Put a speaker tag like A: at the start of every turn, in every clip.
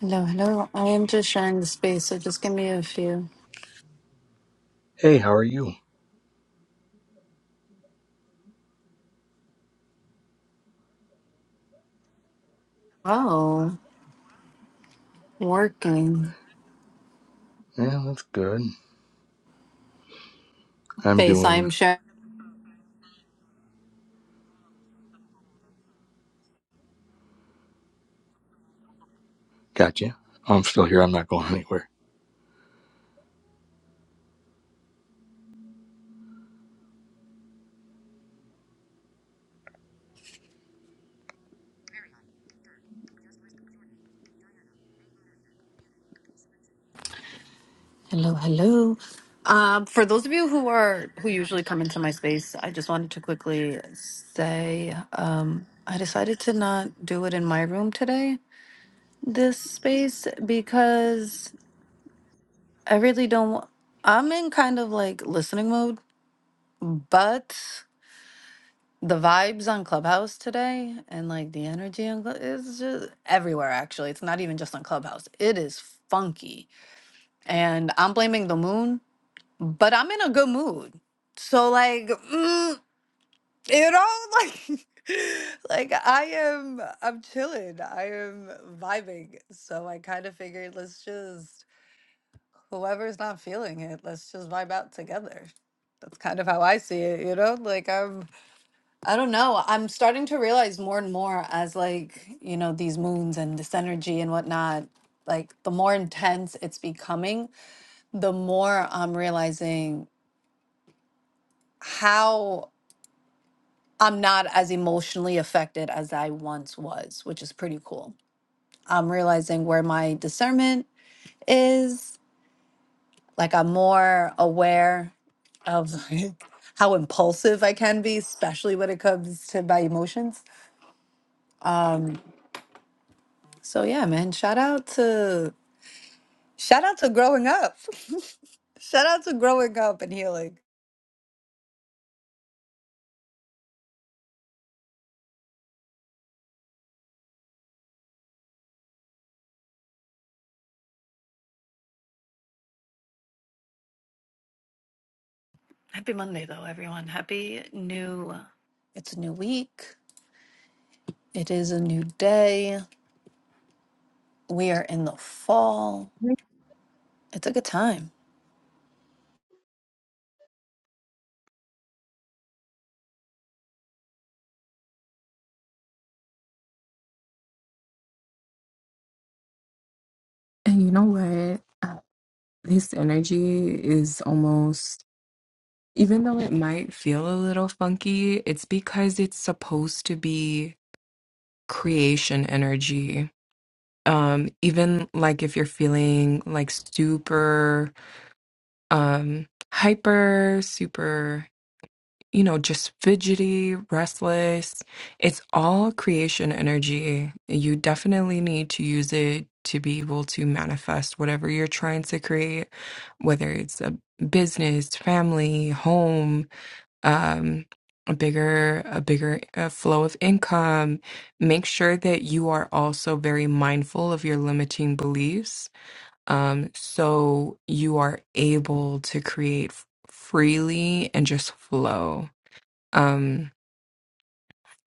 A: Hello, hello. I am just sharing the space, so just give me a few.
B: Hey, how are you?
A: Oh, working
B: Yeah, that's good. I'm
A: space. I am
B: doing.
A: sharing.
B: Gotcha. I'm still here. I'm not going anywhere.
A: Hello, hello. Um, for those of you who are who usually come into my space, I just wanted to quickly say um, I decided to not do it in my room today. This space because I really don't. I'm in kind of like listening mode, but the vibes on Clubhouse today and like the energy on Club is just everywhere actually. It's not even just on Clubhouse. It is funky. And I'm blaming the moon, but I'm in a good mood. So like, mm, you know, like like I am I'm chilling. I am vibing. So I kind of figured let's just whoever's not feeling it, let's just vibe out together. That's kind of how I see it, you know? Like I'm. I don't know. I'm starting to realize more and more as like, you know, these moons and this energy and whatnot, like the more intense it's becoming, the more I'm realizing how I'm not as emotionally affected as I once was, which is pretty cool. I'm realizing where my discernment is, like I'm more aware of like how impulsive I can be, especially when it comes to my emotions. Um, so yeah, man, shout out to Shout out to growing up. Shout out to growing up and healing. Happy Monday, though, everyone. Happy new. It's a new week. It is a new day. We are in the fall. It's a good time.
C: And you know what? Uh, This energy is almost, even though it might feel a little funky, it's because it's supposed to be creation energy. Um, even like if you're feeling like super um hyper, super. you know, just fidgety, restless. It's all creation energy. You definitely need to use it to be able to manifest whatever you're trying to create, whether it's a business, family, home, um, a bigger a bigger uh, flow of income make sure that you are also very mindful of your limiting beliefs um, so you are able to create freely and just flow um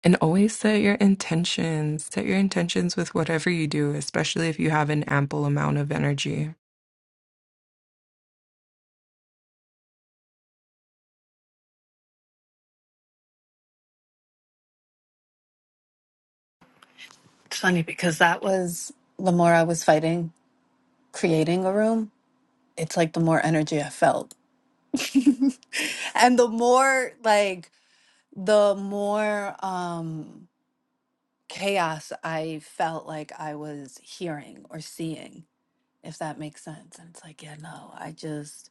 C: and always set your intentions set your intentions with whatever you do especially if you have an ample amount of energy
A: It's funny because that was the more I was fighting creating a room, it's like the more energy I felt. and the more like the more um chaos I felt like I was hearing or seeing. if that makes sense. And it's like, yeah, no, I just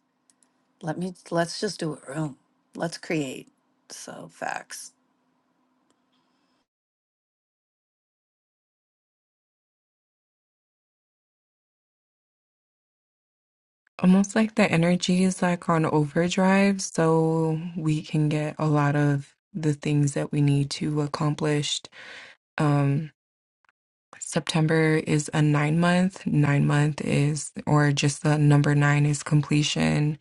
A: let me let's just do a room. Let's create. So facts.
C: almost like the energy is like on overdrive so we can get a lot of the things that we need to accomplished um September is a 9 month 9 month is or just the number 9 is completion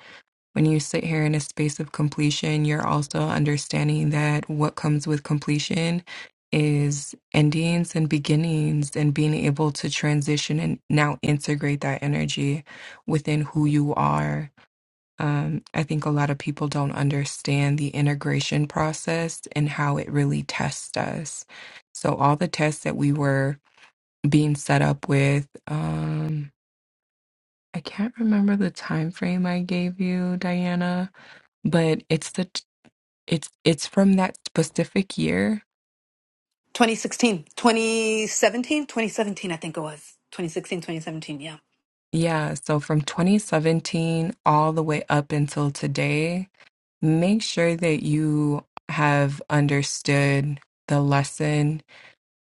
C: when you sit here in a space of completion, you're also understanding that what comes with completion is endings and beginnings and being able to transition and now integrate that energy within who you are. Um, I think a lot of people don't understand the integration process and how it really tests us. So, all the tests that we were being set up with, um, I can't remember the time frame I gave you, Diana but it's the t- it's it's from that specific year.
A: 2016, 2017, 2017. I think it was. 2016, 2017.
C: Yeah, so from 2017 all the way up until today, make sure that you have understood the lesson,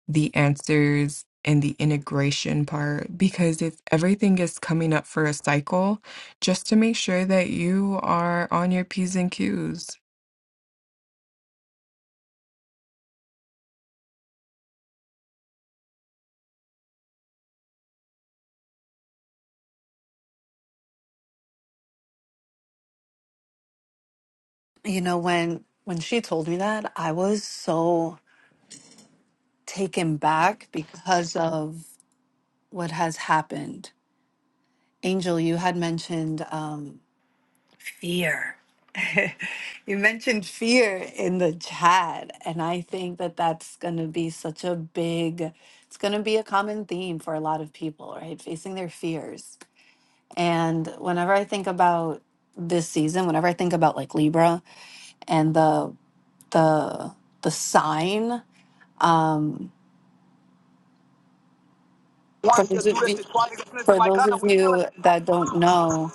C: the answers, and the integration part because if everything is coming up for a cycle, just to make sure that you are on your P's and Q's.
A: yeah. You know, when when she told me that, I was so taken back because of what has happened. Angel, you had mentioned um Fear. you mentioned fear in the chat, and I think that that's going to be such a big, it's going to be a common theme for a lot of people, right? Facing their fears. And whenever I think about this season, whenever I think about like Libra and the the the sign, um, for
D: Once you
A: those
D: do
A: of you,
D: this, it's twice. Niggas
A: for
D: like
A: those
D: Gunna,
A: of
D: we killing
A: you
D: it.
A: that
D: tight.
A: don't know,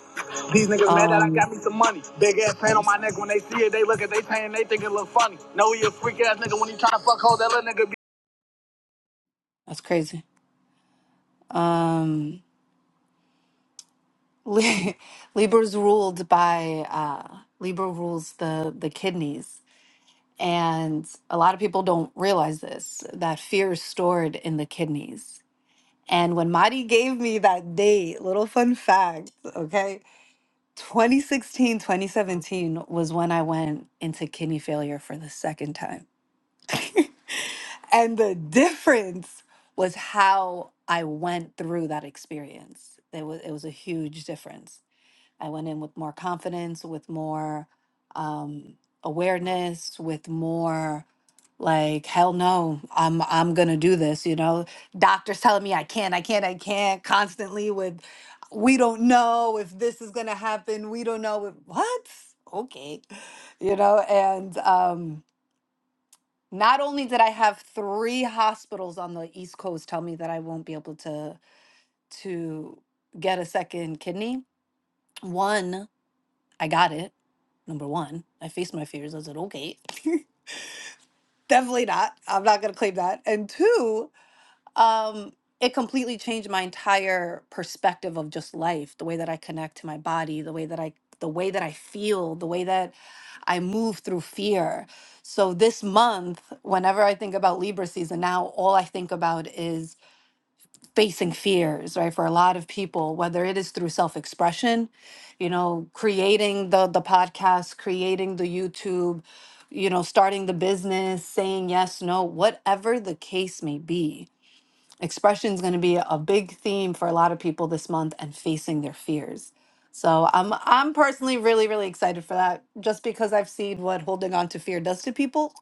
D: These niggas mad that I
A: um,
D: got me some money. Big ass pain on my neck
A: that's
D: when they see it. They look at they pain, they think it look funny. No, he a freak ass nigga when he tryna fuck hoes. That little nigga
A: crazy. Um, Li- Libra's ruled by uh, Libra rules the the kidneys, and a lot of people don't realize this that fear is stored in the kidneys. And when Madi gave me that date, little fun fact, okay, 2016, 2017, was when I went into kidney failure for the second time. And the difference was how I went through that experience. It was it was a huge difference. I went in with more confidence, with more um, awareness, with more like hell no i'm i'm gonna do this you know doctors telling me i can't i can't i can't constantly with we don't know if this is gonna happen we don't know if, what okay you know and um not only did i have three hospitals on the east coast tell me that i won't be able to to get a second kidney one I got it. Number one, I faced my fears. I said, okay, definitely not. I'm not going to claim that. And two, um, it completely changed my entire perspective of just life, the way that I connect to my body, the way that I the way that I feel, the way that I move through fear. So this month, whenever I think about Libra season now, all I think about is facing fears right for a lot of people whether it is through self-expression you know creating the the podcast creating the youtube you know starting the business saying yes no whatever the case may be expression is going to be a big theme for a lot of people this month and facing their fears so i'm i'm personally really really excited for that just because i've seen what holding on to fear does to people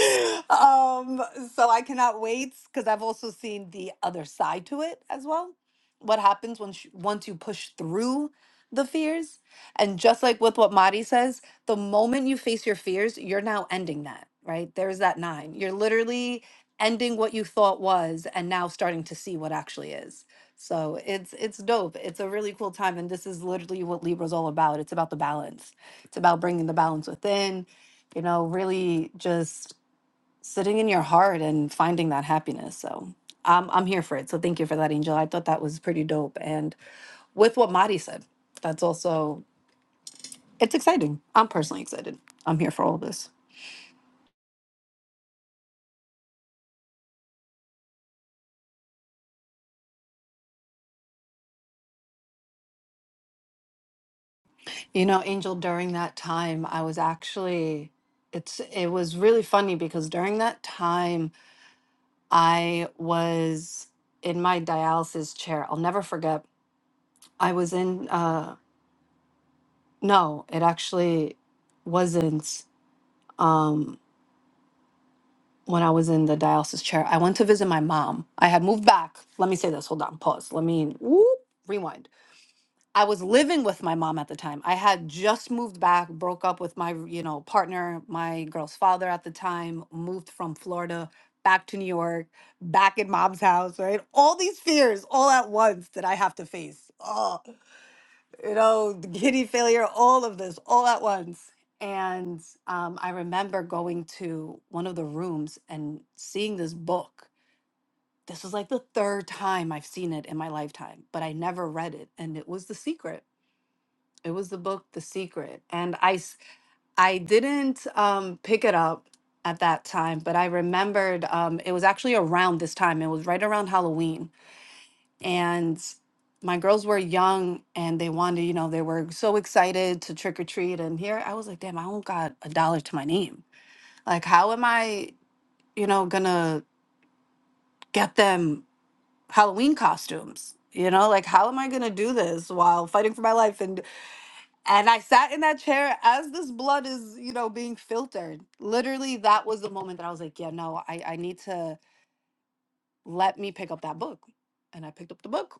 A: um, so I cannot wait because I've also seen the other side to it as well. What happens once you- once you push through the fears, and just like with what Mari says, the moment you face your fears, you're now ending that. Right there's that nine. You're literally ending what you thought was, and now starting to see what actually is. So it's it's dope. It's a really cool time, and this is literally what Libra's all about. It's about the balance. It's about bringing the balance within you know, really just sitting in your heart and finding that happiness. So I'm I'm here for it. So thank you for that, Angel. I thought that was pretty dope. And with what Madi said, that's also it's exciting. I'm personally excited. I'm here for all this. You know, Angel, during that time, I was actually it's it was really funny because during that time I was in my dialysis chair. I'll never forget. I was in uh no, it actually wasn't. Um when I was in the dialysis chair, I went to visit my mom. I had moved back. Let me say this. Hold on. Pause. Let me whoop, rewind. I was living with my mom at the time. I had just moved back, broke up with my, you know, partner, my girl's father at the time, moved from Florida back to New York, back in mom's house, right? All these fears all at once that I have to face. Oh, you know, the kidney failure, all of this, all at once. And um, I remember going to one of the rooms and seeing this book. This was like the third time I've seen it in my lifetime, but I never read it. And it was The Secret. It was the book The Secret. And I, s- I didn't um, pick it up at that time, but I remembered um, it was actually around this time. It was right around Halloween and my girls were young and they wanted, you know, they were so excited to trick or treat. And here I was like, damn, I don't got a dollar to my name. Like, how am I, you know, gonna get them Halloween costumes? You know, like how am I gonna do this while fighting for my life? And and I sat in that chair as this blood is, you know, being filtered. Literally, that was the moment that I was like, yeah, no, I, I need to let me pick up that book. And I picked up the book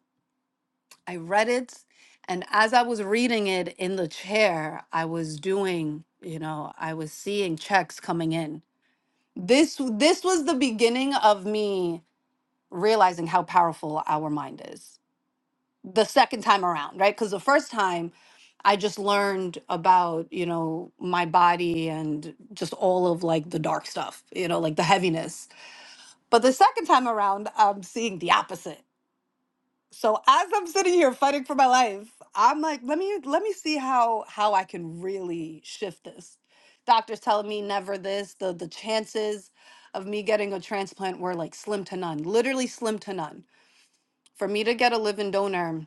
A: I read it, and as I was reading it in the chair, I was doing, you know, I was seeing checks coming in. This this was the beginning of me realizing how powerful our mind is. The second time around, right? Cuz the first time I just learned about, you know, my body and just all of like the dark stuff, you know, like the heaviness. But the second time around, I'm seeing the opposite so as I'm sitting here fighting for my life, I'm like, let me let me see how how I can really shift this. Doctors telling me never this. The the chances of me getting a transplant were like slim to none, literally slim to none. For me to get a living donor,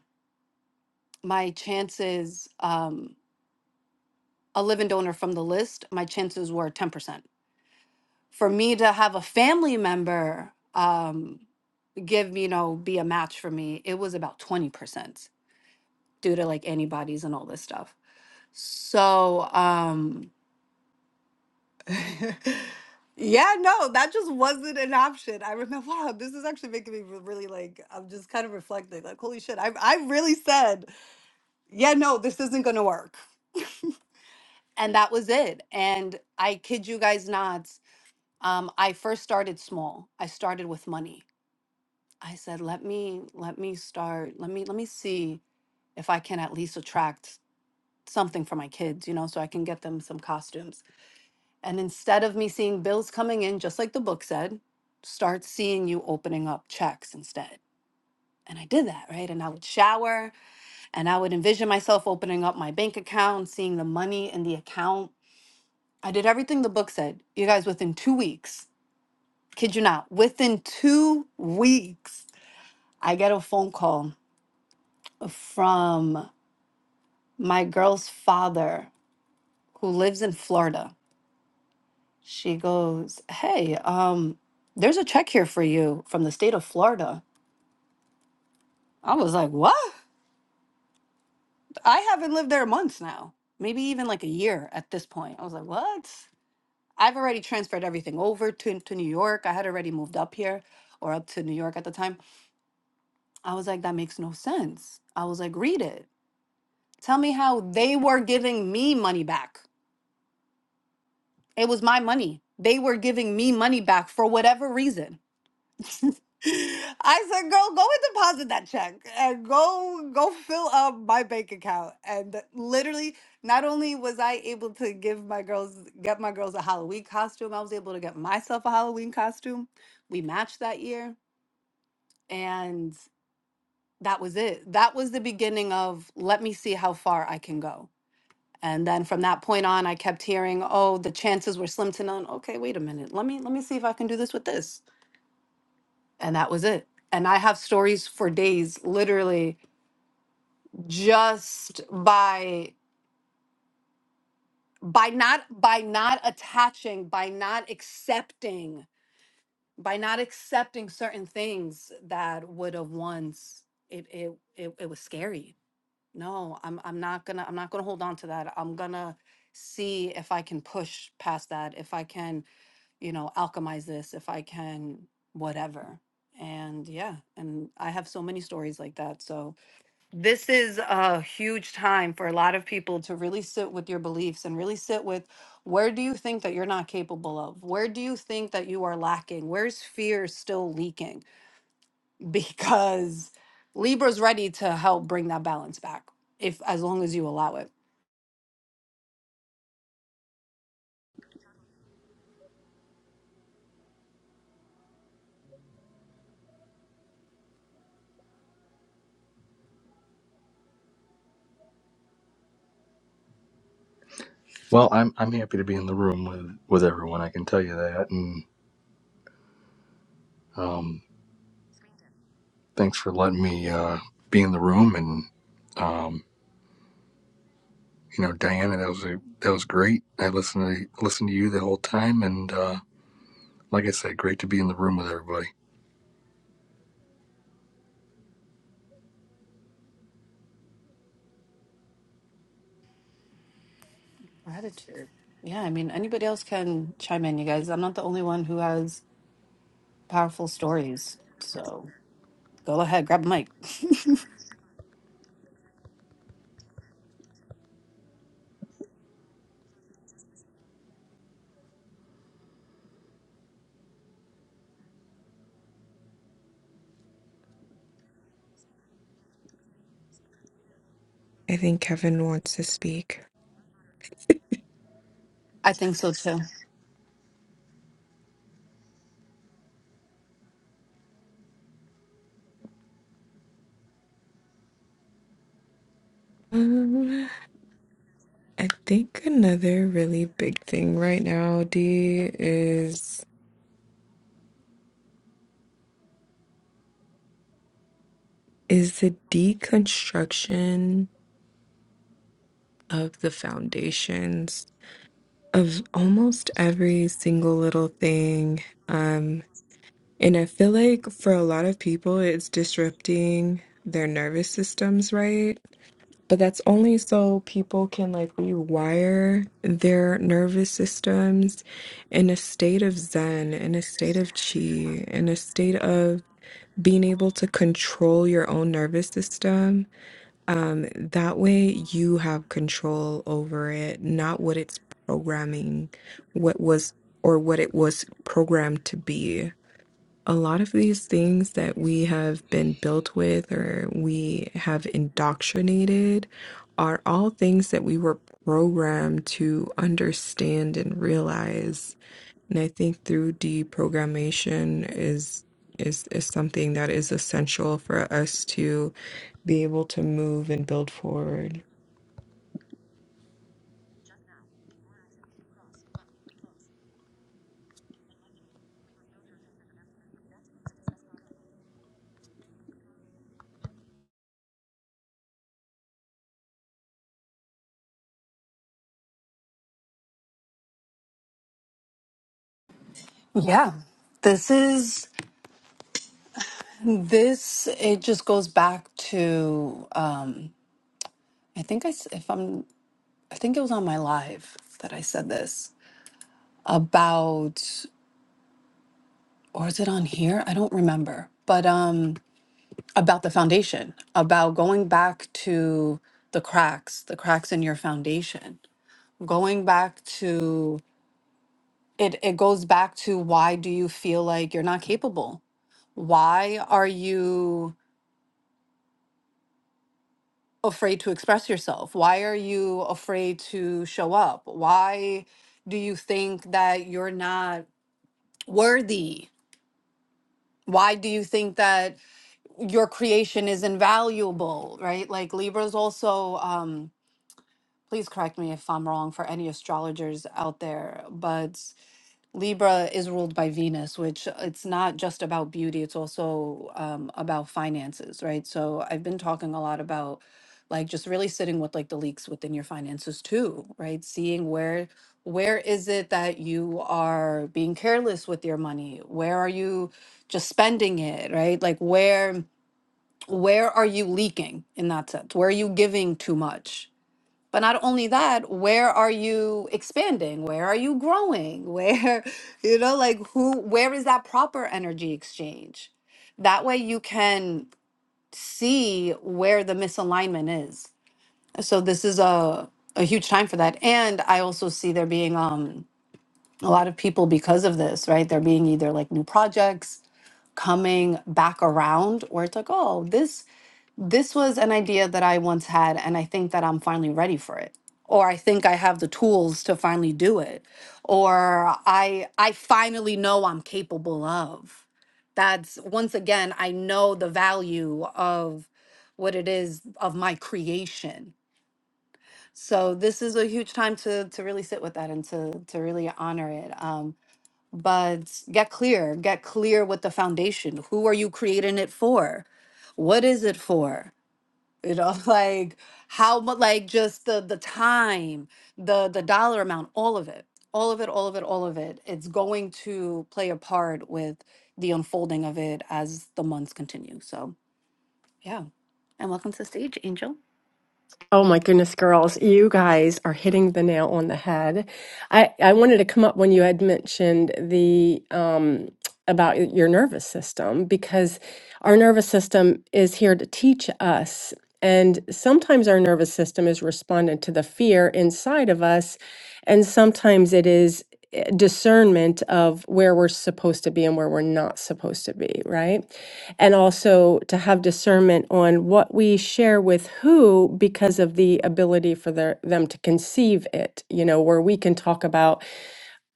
A: my chances, um, a living donor from the list, my chances were 10%. For me to have a family member um, give, you know, be a match for me, it was about 20% due to like antibodies and all this stuff. So, um, yeah, no, that just wasn't an option. I remember, wow, this is actually making me re- really like, I'm just kind of reflecting, like, holy shit, I, I really said, yeah, no, this isn't going to work. And that was it. And I kid you guys not, um, I first started small. I started with money. I said, let me, let me start, let me, let me see if I can at least attract something for my kids, you know, so I can get them some costumes And instead of me seeing bills coming in, just like the book said, start seeing you opening up checks instead. And I did that, right? And I would shower and I would envision myself opening up my bank account, seeing the money in the account. I did everything the book said. You guys, within two weeks, kid you not, within two weeks, I get a phone call from my girl's father who lives in Florida. She goes, Hey, um, there's a check here for you from the state of Florida I was like, what? I haven't lived there months now, maybe even like a year at this point. I was like, what? I've already transferred everything over to, to New York. I had already moved up here or up to New York at the time. I was like, that makes no sense. I was like, read it. Tell me how they were giving me money back. It was my money. They were giving me money back for whatever reason. I said, girl, go and deposit that check and go go fill up my bank account. And literally, not only was I able to give my girls get my girls a Halloween costume, I was able to get myself a Halloween costume. We matched that year. And that was it. That was the beginning of let me see how far I can go. And then from that point on, I kept hearing, oh, the chances were slim to none. Okay, wait a minute. Let me let me see if I can do this with this and that was it. And I have stories for days, literally, just by by not by not attaching, by not accepting, by not accepting certain things that would have once it it it, it was scary. No, I'm I'm not gonna I'm not gonna hold on to that. I'm gonna see if I can push past that, if I can, you know, alchemize this, if I can whatever. And yeah, and I have so many stories like that. So this is a huge time for a lot of people to really sit with your beliefs and really sit with where do you think that you're not capable of? Where do you think that you are lacking? Where's fear still leaking? Because Libra's ready to help bring that balance back if as long as you allow it.
B: Well, I'm I'm happy to be in the room with with everyone. I can tell you that. And um, thanks for letting me uh, be in the room. And um, you know, Diana, that was a, that was great. I listened to listened to you the whole time. And uh, like I said, great to be in the room with everybody.
A: Gratitude. Yeah, I mean anybody else can chime in, you guys. I'm not the only one who has powerful stories. So go ahead, grab a mic.
C: I think Kevin wants to speak.
A: I think so too.
C: Um, I think another really big thing right now, D, is is the deconstruction of the foundations of almost every single little thing. Um, and I feel like for a lot of people, it's disrupting their nervous systems, right? But that's only so people can like rewire their nervous systems in a state of zen, in a state of chi, in a state of being able to control your own nervous system Um, that way you have control over it, not what it's programming, what was or what it was programmed to be. A lot of these things that we have been built with or we have indoctrinated are all things that we were programmed to understand and realize. And I think through deprogrammation is is is something that is essential for us to be able to move and build forward.
A: Yeah. This is This it just goes back to um, I think I s- if I'm I think it was on my live that I said this about or is it on here? I don't remember. But um about the foundation, about going back to the cracks, the cracks in your foundation. Going back to it it goes back to why do you feel like you're not capable? Why are you afraid to express yourself? Why are you afraid to show up? Why do you think that you're not worthy? Why do you think that your creation is invaluable, right? Like Libras also um please correct me if I'm wrong for any astrologers out there, but Libra is ruled by Venus, which it's not just about beauty, it's also um, about finances, right? So I've been talking a lot about like just really sitting with like the leaks within your finances too, right? Seeing where where is it that you are being careless with your money? Where are you just spending it, right? Like where where are you leaking in that sense? Where are you giving too much? But not only that, where are you expanding? Where are you growing? Where, you know, like who, where is that proper energy exchange? That way you can see where the misalignment is. So this is a, a huge time for that. And I also see there being um, a lot of people because of this, right? There being either like new projects coming back around or it's like, oh, this this was an idea that I once had, and I think that I'm finally ready for it. Or I think I have the tools to finally do it. Or I I finally know I'm capable of. That's once again, I know the value of what it is of my creation. So this is a huge time to to really sit with that and to to really honor it. Um, but get clear, get clear with the foundation. Who are you creating it for? What is it for? you know like how much like just the the time the the dollar amount all of it all of it all of it all of it it's going to play a part with the unfolding of it as the months continue so yeah and welcome to the stage angel
E: Oh my goodness, girls, you guys are hitting the nail on the head. I, I wanted to come up when you had mentioned the um, about your nervous system because our nervous system is here to teach us. And sometimes our nervous system is responding to the fear inside of us, and sometimes it is eh, discernment of where we're supposed to be and where we're not supposed to be, right? And also to have discernment on what we share with who because of the ability for their, them to conceive it, you know, where we can talk about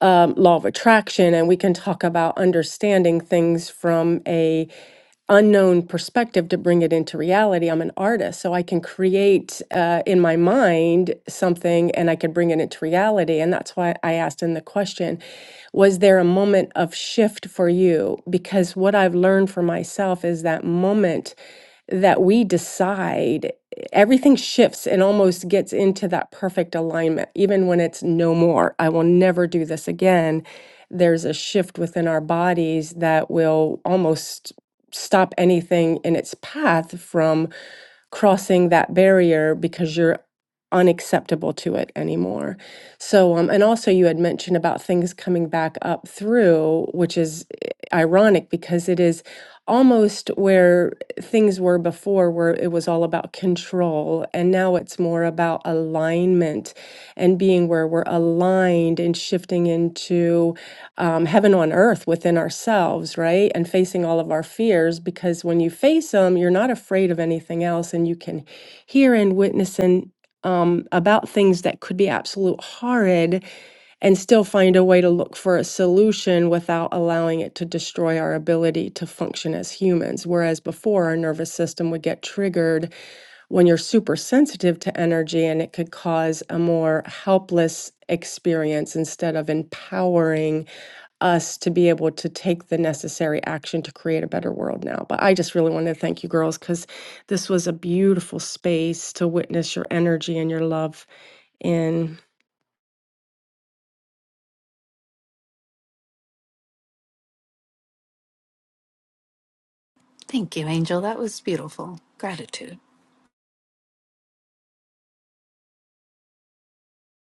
E: um, law of attraction and we can talk about understanding things from a unknown perspective to bring it into reality i'm an artist so i can create uh, in my mind something and i can bring it into reality and that's why i asked in the question was there a moment of shift for you because what i've learned for myself is that moment that we decide everything shifts and almost gets into that perfect alignment even when it's no more i will never do this again there's a shift within our bodies that will almost stop anything in its path from crossing that barrier because you're unacceptable to it anymore. So, um, and also you had mentioned about things coming back up through, which is eh, ironic because it is almost where things were before, where it was all about control. And now it's more about alignment and being where we're aligned and shifting into um, heaven on earth within ourselves, right? And facing all of our fears, because when you face them, you're not afraid of anything else, and you can hear and witness and um, about things that could be absolute horrid, and still find a way to look for a solution without allowing it to destroy our ability to function as humans. Whereas before, our nervous system would get triggered when you're super sensitive to energy, and it could cause a more helpless experience instead of empowering us to be able to take the necessary action to create a better world now. But I just really wanted to thank you girls because this was a beautiful space to witness your energy and your love in.
A: Thank you, Angel. That was beautiful. Gratitude.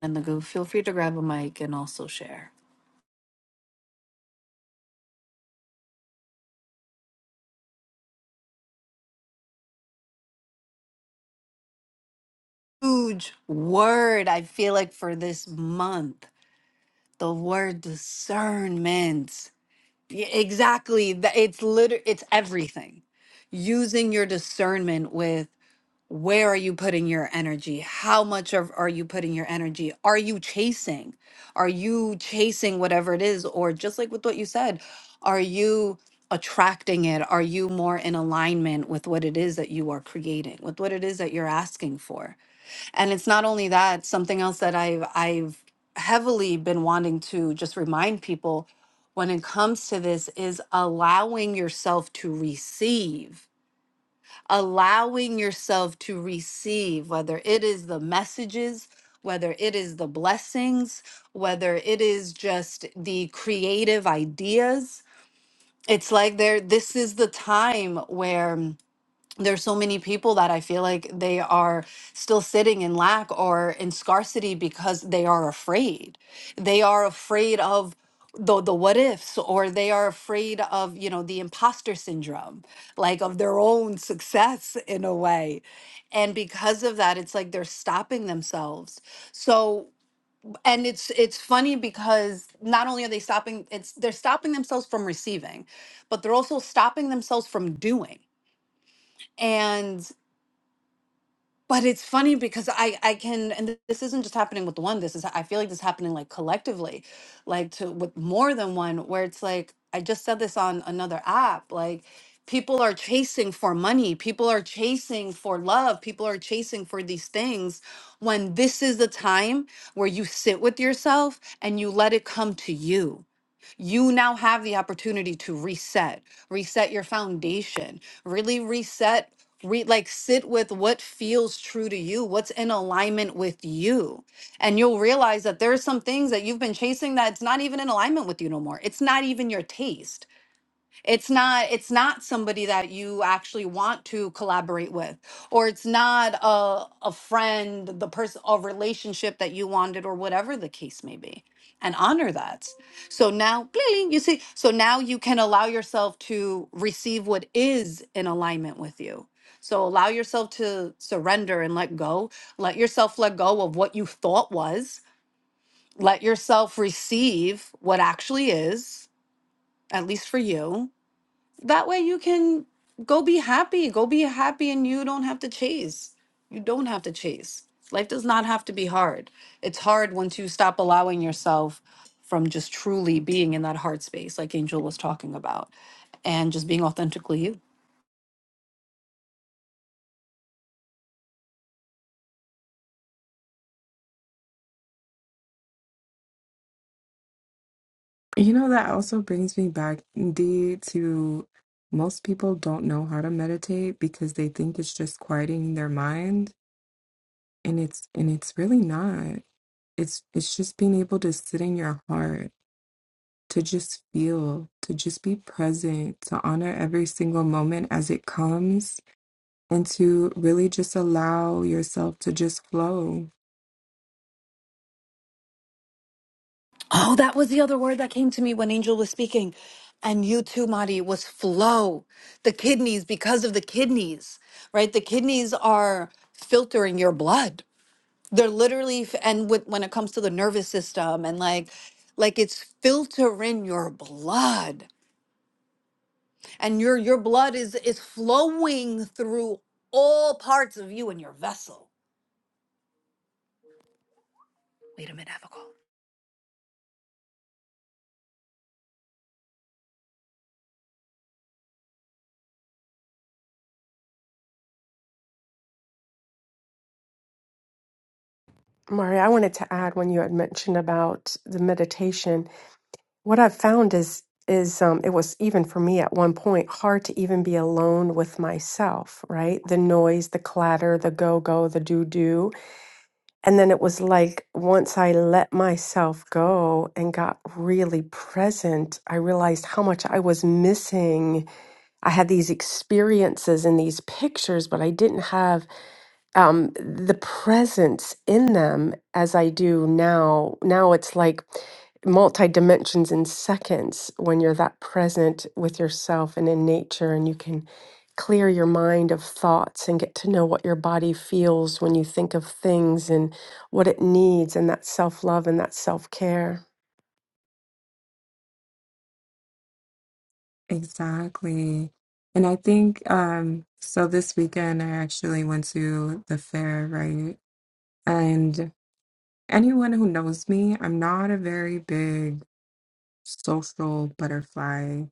A: and the Goof, feel free to grab a mic and also share huge word i feel like for this month the word discernment Y- Exactly. That it's liter it's everything. Using your discernment with where are you putting your energy? How much of are you putting your energy? Are you chasing? Are you chasing whatever it is? Or just like with what you said, are you attracting it? Are you more in alignment with what it is that you are creating, with what it is that you're asking for? And it's not only that, something else that I've I've heavily been wanting to just remind people when it comes to this is allowing yourself to receive. Allowing yourself to receive, whether it is the messages, whether it is the blessings, whether it is just the creative ideas. It's like there this is the time where there's so many people that I feel like they are still sitting in lack or in scarcity because they are afraid. They are afraid of the the what ifs or they are afraid of, you know, the imposter syndrome, like of their own success in a way. And because of that, it's like they're stopping themselves. So, and it's it's funny because not only are they stopping, it's they're stopping themselves from receiving, but they're also stopping themselves from doing. and. But it's funny because I I can and th- this isn't just happening with one. This is I feel like this is happening like collectively, like to with more than one. Where it's like I just said this on another app. Like people are chasing for money, people are chasing for love, people are chasing for these things. When this is the time where you sit with yourself and you let it come to you you now have the opportunity to reset, reset your foundation, really reset, re- like sit with what feels true to you, what's in alignment with you. And you'll realize that there are some things that you've been chasing that's not even in alignment with you no more. It's not even your taste it's not it's not somebody that you actually want to collaborate with or it's not a a friend the person a relationship that you wanted or whatever the case may be and honor that so now bling, you see so now you can allow yourself to receive what is in alignment with you so allow yourself to surrender and let go let yourself let go of what you thought was let yourself receive what actually is at least for you that way you can go be happy go be happy and you don't have to chase you don't have to chase life does not have to be hard it's hard once you stop allowing yourself from just truly being in that heart space like angel was talking about and just being authentically you
C: You know, that also brings me back, indeed, to most people don't know how to meditate because they think it's just quieting their mind, and it's and it's really not. It's it's just being able to sit in your heart, to just feel, to just be present, to honor every single moment as it comes, and to really just allow yourself to just flow.
A: oh that was the other word that came to me when angel was speaking and you too Madi was flow the kidneys because of the kidneys right the kidneys are filtering your blood they're literally f- and with, when it comes to the nervous system and like like it's filtering your blood and your your blood is is flowing through all parts of you and your vessel wait a minute I have a call
E: Mari, I wanted to add when you had mentioned about the meditation, what I've found is is um, it was even for me at one point hard to even be alone with myself, right? The noise, the clatter, the go go, the do do And then it was like once I let myself go and got really present, I realized how much I was missing. I had these experiences and these pictures, but I didn't have um, the presence in them as I do now. Now it's like multi dimensions in seconds when you're that present with yourself and in nature, and you can clear your mind of thoughts and get to know what your body feels when you think of things and what it needs, and that self love and that self care.
C: Exactly. And I think um so this weekend I actually went to the fair, right? And anyone who knows me, I'm not a very big social butterfly.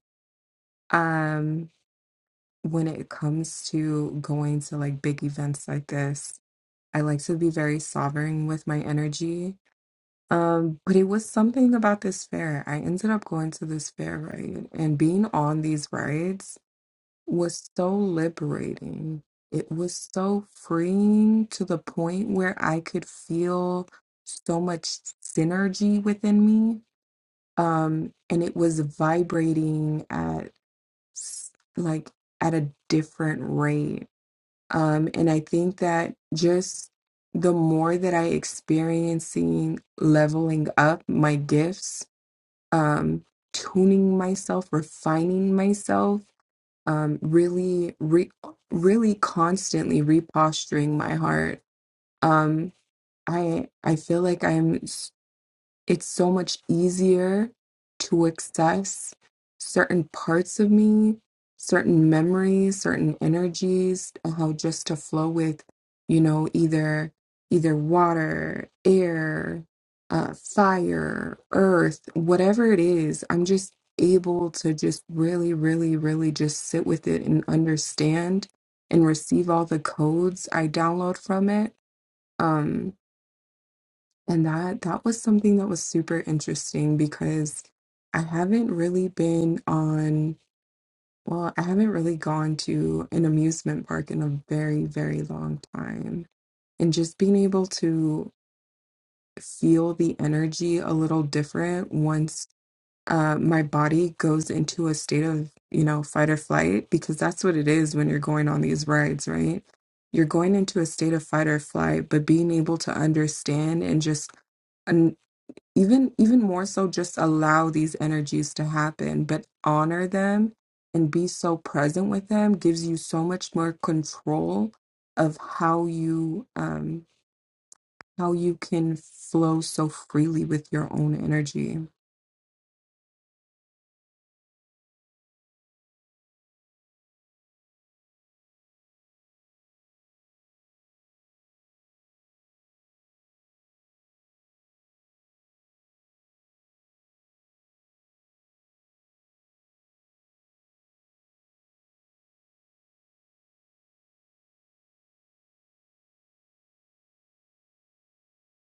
C: Um when it comes to going to like big events like this, I like to be very sovereign with my energy. Um, but it was something about this fair. I ended up going to this fair, right? And being on these rides was so liberating. It was so freeing to the point where I could feel so much synergy within me. Um, and it was vibrating at s- like at a different rate. Um, and I think that just the more that I experiencing leveling up my gifts, um, tuning myself, refining myself um, really, re- really constantly reposturing my heart. Um, I I feel like I'm it's so much easier to access certain parts of me, certain memories, certain energies, and how just to flow with, you know, either either water, air, uh, fire, earth, whatever it is. I'm just able to just really, really, really just sit with it and understand and receive all the codes I download from it. Um, and that that was something that was super interesting because I haven't really been on, well, I haven't really gone to an amusement park in a very, very long time. And just being able to feel the energy a little different once uh, my body goes into a state of, you know, fight or flight, because that's what it is when you're going on these rides, right? You're going into a state of fight or flight, but being able to understand and just even even more so just allow these energies to happen but honor them and be so present with them gives you so much more control of how you um how you can flow so freely with your own energy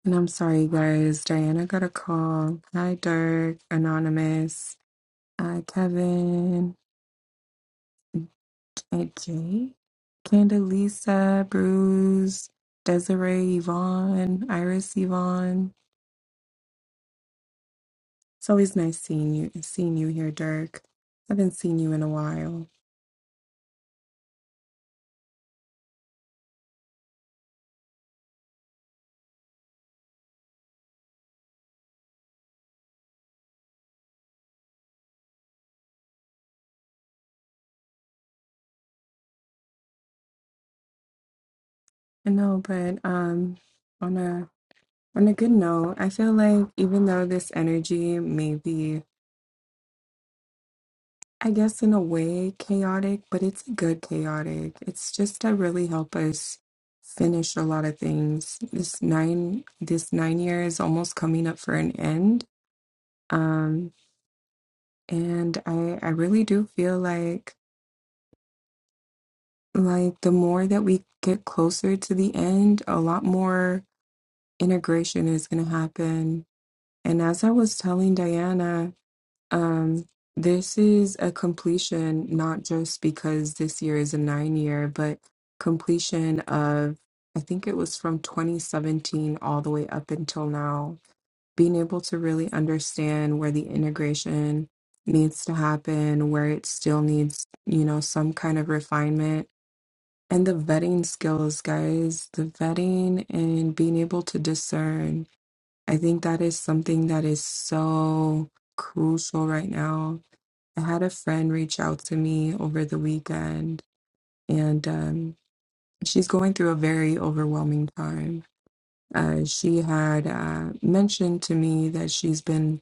C: and i'm sorry guys diana got a call hi dirk anonymous hi kevin hi jay candelisa bruce desiree yvonne iris yvonne It's always nice seeing you seeing you here, Dirk. I haven't seen you in a while. I know, but um on a on a good note, I feel like even though this energy may be I guess in a way chaotic, but it's a good chaotic. It's just to really help us finish a lot of things. This nine this nine year is almost coming up for an end. Um and I I really do feel like like the more that we get closer to the end, a lot more integration is going to happen. And as I was telling Diana, um, this is a completion, not just because this year is a nine year, but completion of, I think it was from 2017 all the way up until now, being able to really understand where the integration needs to happen, where it still needs, you know, some kind of refinement and the vetting skills guys the vetting and being able to discern i think that is something that is so crucial right now i had a friend reach out to me over the weekend and um, she's going through a very overwhelming time uh, she had uh, mentioned to me that she's been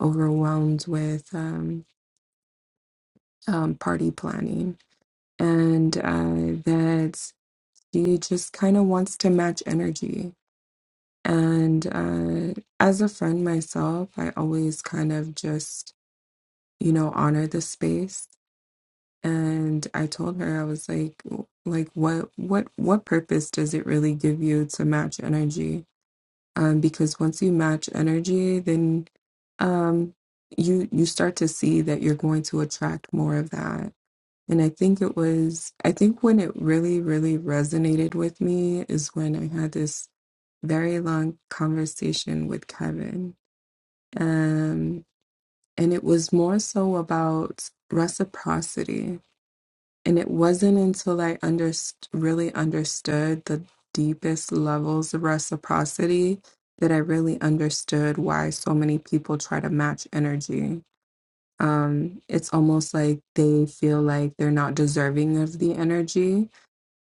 C: overwhelmed with um, um, party planning and uh, that she just kind of wants to match energy And uh, as a friend myself, I always kind of just, you know, honor the space. And I told her, I was like, w- like what what what purpose does it really give you to match energy? Um, because once you match energy, then um you you start to see that you're going to attract more of that and I think it was, I think when it really, really resonated with me is when I had this very long conversation with Kevin. Um, and it was more so about reciprocity. And it wasn't until I underst- really understood the deepest levels of reciprocity that I really understood why so many people try to match energy um, it's almost like they feel like they're not deserving of the energy.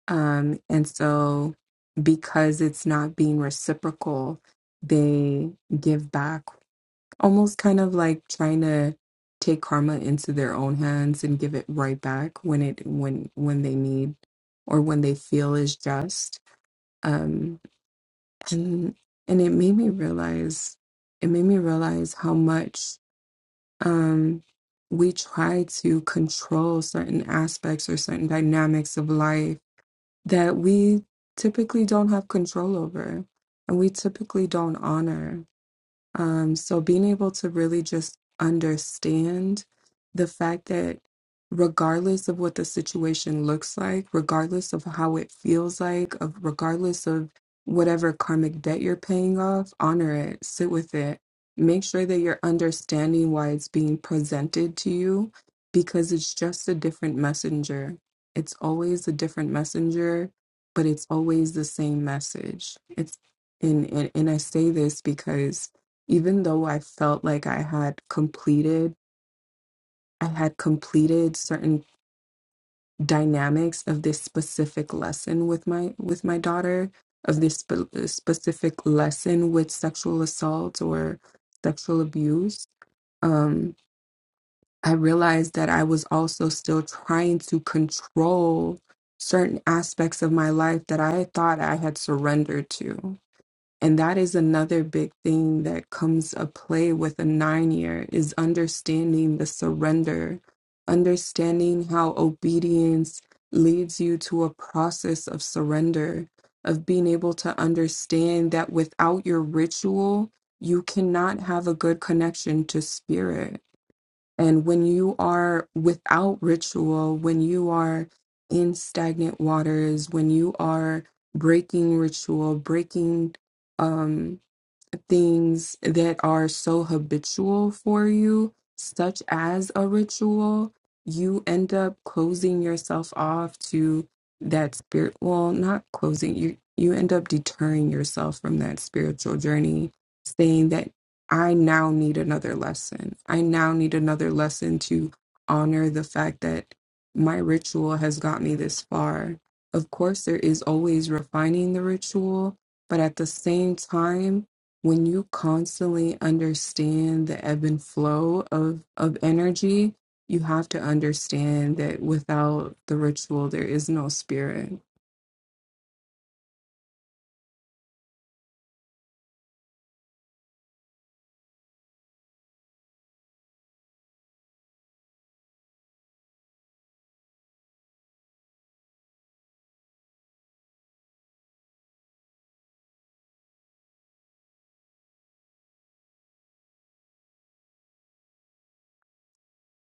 C: Um, and so, because it's not being reciprocal, they give back, almost kind of like trying to take karma into their own hands and give it right back when it when when they need or when they feel is just um and and it made me realize it made me realize how much um, we try to control certain aspects or certain dynamics of life that we typically don't have control over and we typically don't honor. Um, so being able to really just understand the fact that regardless of what the situation looks like, regardless of how it feels like, of regardless of whatever karmic debt you're paying off, honor it, sit with it. Make sure that you're understanding why it's being presented to you because it's just a different messenger. It's always a different messenger, but it's always the same message. It's and, and, and I say this because even though I felt like I had completed, I had completed certain dynamics of this specific lesson with my with my daughter, of this spe- uh, specific lesson with sexual assault or sexual abuse. Um, I realized that I was also still trying to control certain aspects of my life that I thought I had surrendered to And that is another big thing that comes a play with a nine year is understanding the surrender, understanding how obedience leads you to a process of surrender, of being able to understand that without your ritual, you cannot have a good connection to spirit and when you are without ritual, when you are in stagnant waters, when you are breaking ritual, breaking, um, things that are so habitual for you, such as a ritual, you end up closing yourself off to that spirit. Well, not closing, you, you end up deterring yourself from that spiritual journey, saying that I now need another lesson. I now need another lesson to honor the fact that my ritual has got me this far. Of course, there is always refining the ritual, but at the same time, when you constantly understand the ebb and flow of of energy you have to understand that without the ritual there is no spirit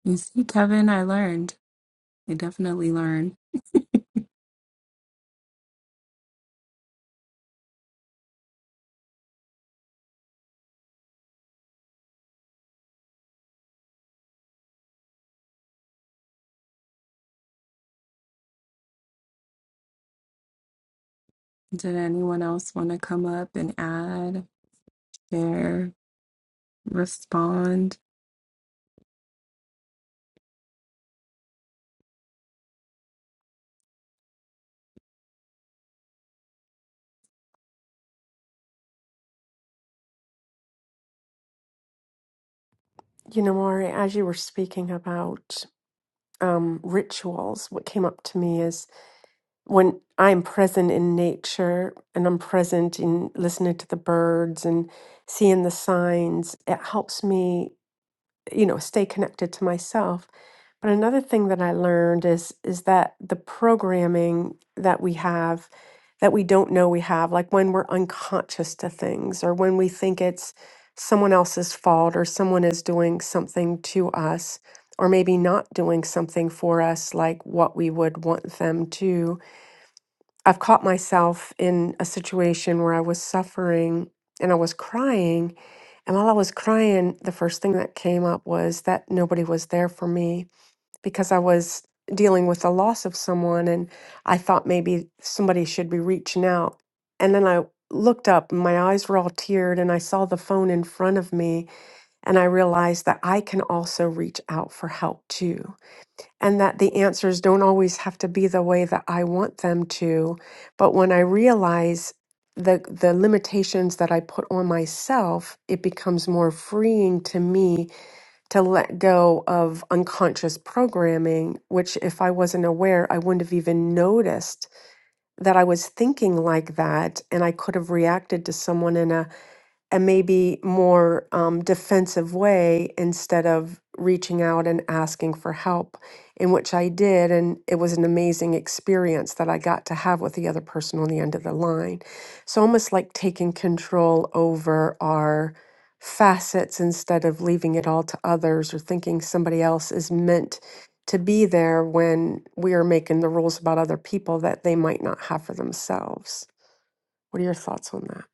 C: you see kevin i learned i definitely learned did anyone else want to come up and add There, respond.
E: You know, Maury, as you were speaking about um, rituals, what came up to me is when I'm present in nature and I'm present in listening to the birds and seeing the signs, it helps me, you know, stay connected to myself. But another thing that I learned is is that the programming that we have that we don't know we have, like when we're unconscious to things or when we think it's someone else's fault or someone is doing something to us or maybe not doing something for us like what we would want them to I've caught myself in a situation where I was suffering and I was crying. And while I was crying, the first thing that came up was that nobody was there for me because I was dealing with the loss of someone. And I thought maybe somebody should be reaching out. And then I looked up and my eyes were all teared and I saw the phone in front of me. And I realized that I can also reach out for help too and that the answers don't always have to be the way that I want them to. But when I realize the the limitations that I put on myself, it becomes more freeing to me to let go of unconscious programming, which if I wasn't aware, I wouldn't have even noticed that I was thinking like that and I could have reacted to someone in a a maybe more um, defensive way instead of reaching out and asking for help, in which I did. And it was an amazing experience that I got to have with the other person on the end of the line. So, almost like taking control over our facets instead of leaving it all to others or thinking somebody else is meant to be there when we are making the rules about other people that they might not have for themselves. What are your thoughts on that?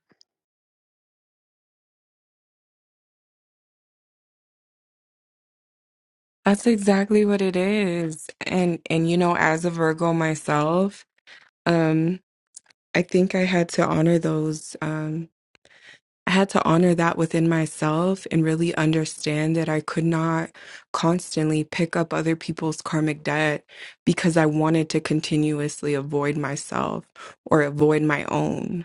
C: That's exactly what it is. And and you know, as a Virgo myself, um, I think I had to honor those, um, I had to honor that within myself and really understand that I could not constantly pick up other people's karmic debt because I wanted to continuously avoid myself or avoid my own.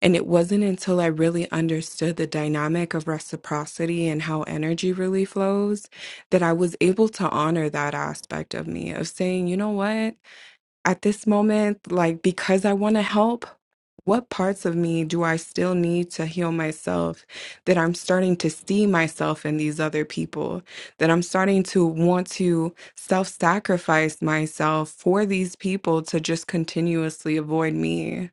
C: And it wasn't until I really understood the dynamic of reciprocity and how energy really flows that I was able to honor that aspect of me of saying, you know what, at this moment, like because I want to help, what parts of me do I still need to heal myself that I'm starting to see myself in these other people, that I'm starting to want to self sacrifice myself for these people to just continuously avoid me?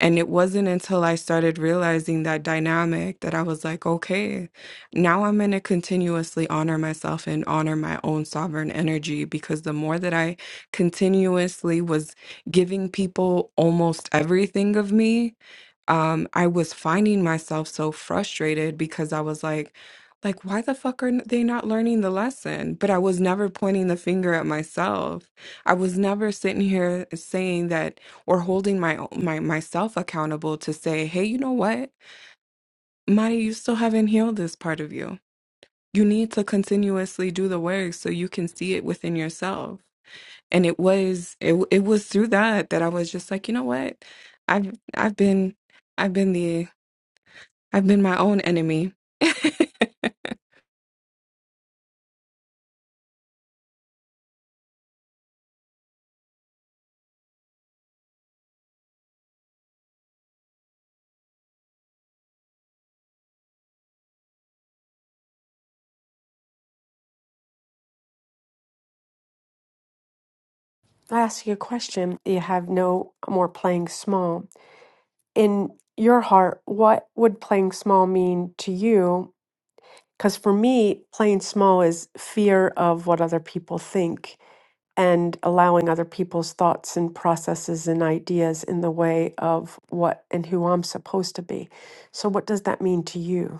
C: And it wasn't until I started realizing that dynamic that I was like, okay, now I'm going to continuously honor myself and honor my own sovereign energy because the more that I continuously was giving people almost everything of me, um, I was finding myself so frustrated because I was like, like, why the fuck are n- they not learning the lesson? But I was never pointing the finger at myself. I was never sitting here saying that or holding my o- my myself accountable to say, hey, you know what, Maya, you still haven't healed this part of you. You need to continuously do the work so you can see it within yourself. And it was it w- it was through that that I was just like, you know what, I've I've been I've been the I've been my own enemy.
E: I ask you a question. You have no more playing small. In your heart, what would playing small mean to you? Because for me, playing small is fear of what other people think and allowing other people's thoughts and processes and ideas in the way of what and who I'm supposed to be. So, what does that mean to you?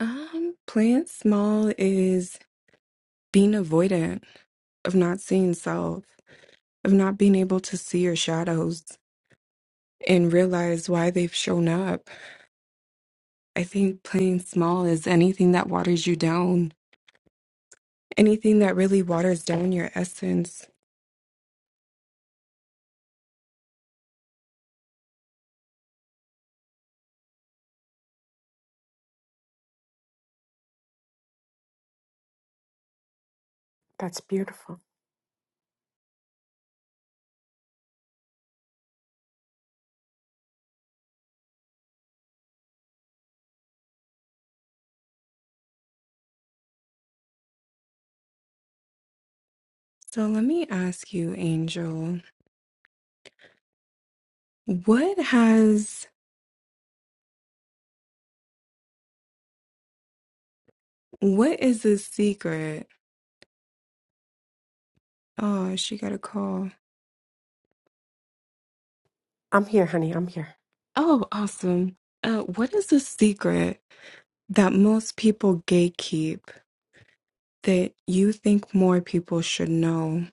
C: um, playing small is being avoidant of not seeing self, of not being able to see your shadows and realize why they've shown up. I think playing small is anything that waters you down, anything that really waters down your essence.
E: That's beautiful.
C: So let me ask you, Angel, what has, what is the secret? Oh, she got a call.
E: I'm here, honey. I'm here.
C: Oh, awesome. Uh, what is the secret that most people gatekeep, that you think more people should know.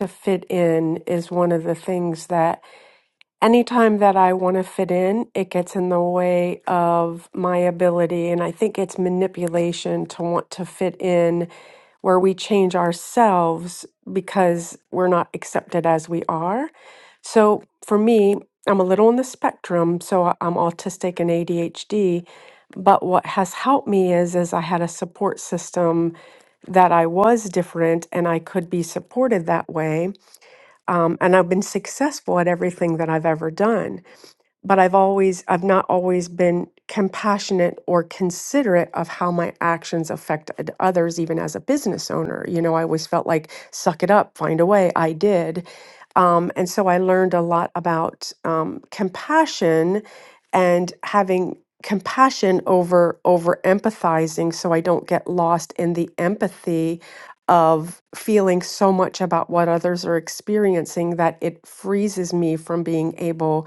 E: To fit in is one of the things that anytime that I want to fit in, it gets in the way of my ability. And I think it's manipulation to want to fit in where we change ourselves because we're not accepted as we are. So for me, I'm a little on the spectrum. So I- I'm autistic and ADHD. But what has helped me is, is I had a support system that I was different and I could be supported that way. Um, and I've been successful at everything that I've ever done but I've always, I've not always been compassionate or considerate of how my actions affected others, even as a business owner. You know, I always felt like, suck it up, find a way. I did. Um, and so I learned a lot about um, compassion and having compassion over over empathizing so I don't get lost in the empathy of feeling so much about what others are experiencing that it freezes me from being able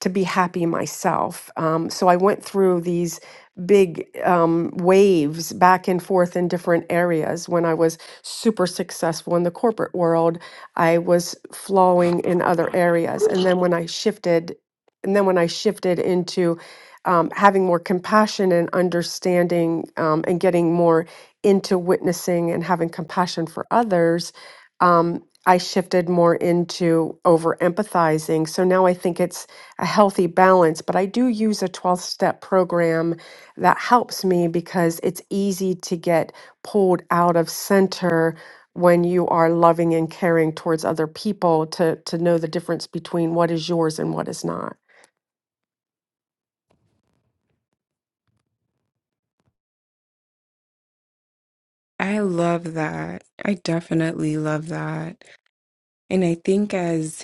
E: to be happy myself. Um, so I went through these big um, waves back and forth in different areas. When I was super successful in the corporate world, I was flowing in other areas. And then when I shifted, and then when I shifted into um, having more compassion and understanding um, and getting more into witnessing and having compassion for others, um, I shifted more into over empathizing. So now I think it's a healthy balance, but I do use a 12 step program that helps me because it's easy to get pulled out of center when you are loving and caring towards other people to to know the difference between what is yours and what is not.
C: I love that. I definitely love that. And I think as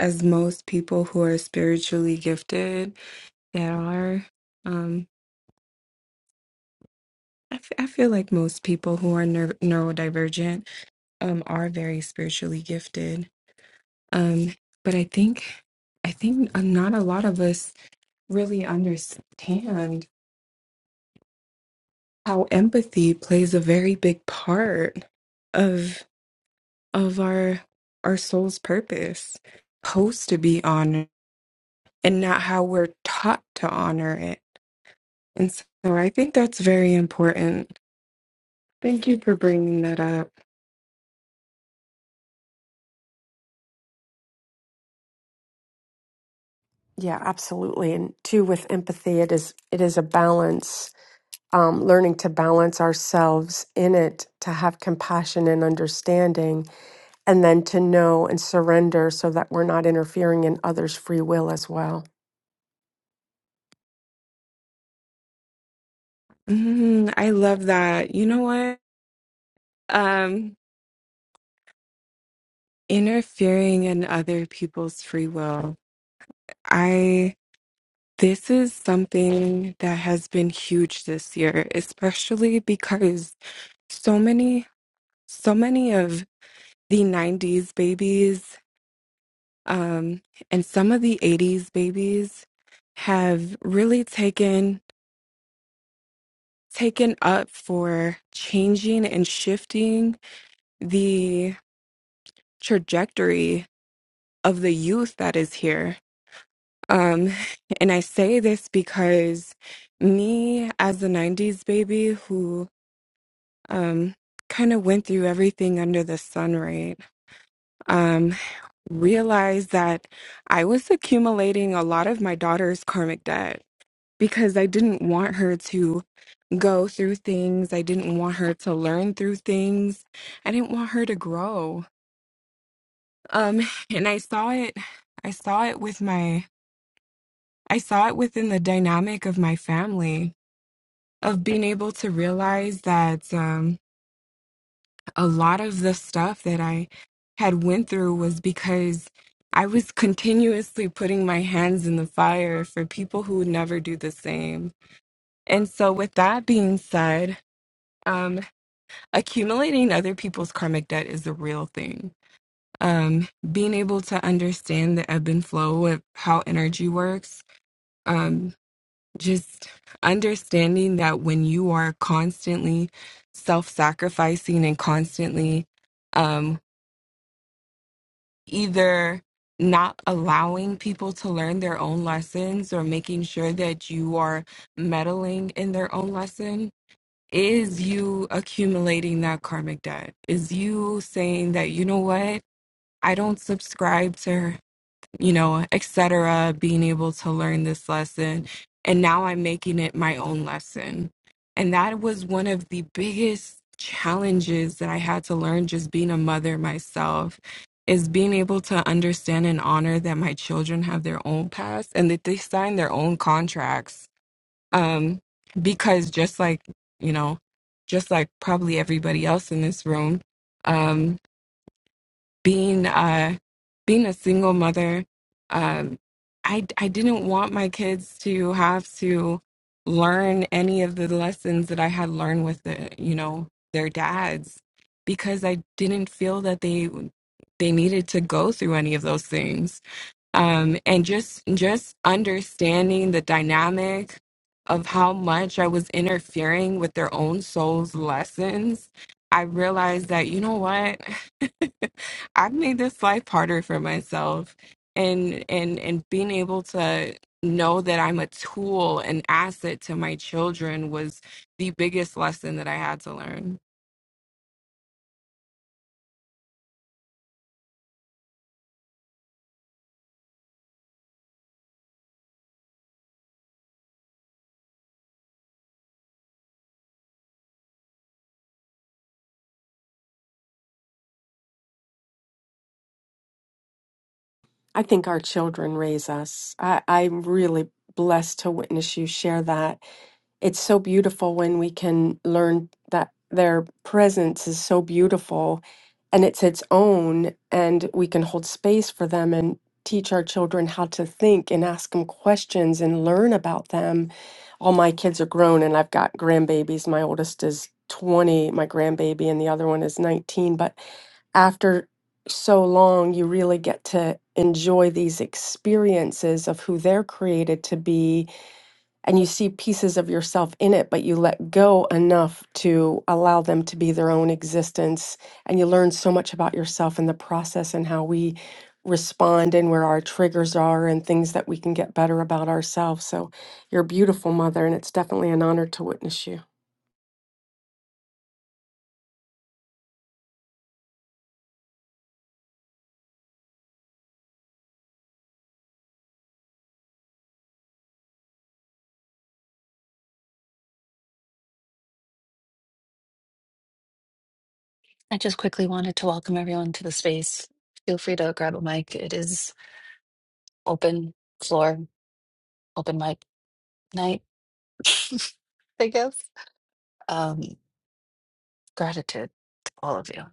C: as most people who are spiritually gifted that are um I, f- I feel like most people who are ner- neurodivergent um are very spiritually gifted. Um but I think I think uh, not a lot of us really understand how empathy plays a very big part of of our our soul's purpose supposed to be honored and not how we're taught to honor it and so i think that's very important thank you for bringing that up
E: Yeah, absolutely. And two with empathy, it is it is a balance. Um, learning to balance ourselves in it, to have compassion and understanding, and then to know and surrender so that we're not interfering in others' free will as well.
C: mm, i love that you know what um interfering in other people's free will i this is something that has been huge this year especially because so many so many of the 90s babies um, and some of the 80s babies have really taken taken up for changing and shifting the trajectory of the youth that is here um, and i say this because me as a 90s baby who um, kind of went through everything under the sun right Um, realized that I was accumulating a lot of my daughter's karmic debt because I didn't want her to go through things. I didn't want her to learn through things. I didn't want her to grow. Um, and I saw it, I saw it with my, I saw it within the dynamic of my family of being able to realize that, um, a lot of the stuff that I had went through was because I was continuously putting my hands in the fire for people who would never do the same. And so with that being said, um, accumulating other people's karmic debt is a real thing. Um, being able to understand the ebb and flow of how energy works, um, just understanding that when you are constantly self sacrificing and constantly um, either not allowing people to learn their own lessons or making sure that you are meddling in their own lesson is you accumulating that karmic debt is you saying that you know what i don't subscribe to you know, etc., being able to learn this lesson. And now I'm making it my own lesson. And that was one of the biggest challenges that I had to learn just being a mother myself is being able to understand and honor that my children have their own past and that they sign their own contracts. Um, because just like, you know, just like probably everybody else in this room, um, being uh being a single mother um i i didn't want my kids to have to learn any of the lessons that i had learned with the you know their dads because i didn't feel that they they needed to go through any of those things um, and just just understanding the dynamic of how much I was interfering with their own soul's lessons, I realized that you know what, I've made this life harder for myself, and and and being able to know that I'm a tool, an asset to my children was the biggest lesson that I had to learn.
E: I think our children raise us. I, I'm really blessed to witness you share that. It's so beautiful when we can learn that their presence is so beautiful and it's its own, and we can hold space for them and teach our children how to think and ask them questions and learn about them. All my kids are grown, and I've got grandbabies. My oldest is 20, my grandbaby, and the other one is 19. But after so long, you really get to enjoy these experiences of who they're created to be. And you see pieces of yourself in it, but you let go enough to allow them to be their own existence. And you learn so much about yourself in the process and how we respond and where our triggers are and things that we can get better about ourselves. So you're a beautiful mother, and it's definitely an honor to witness you.
A: I just quickly wanted to welcome everyone to the space. Feel free to grab a mic. It is open floor, open mic night, I guess. Um, gratitude to all of you.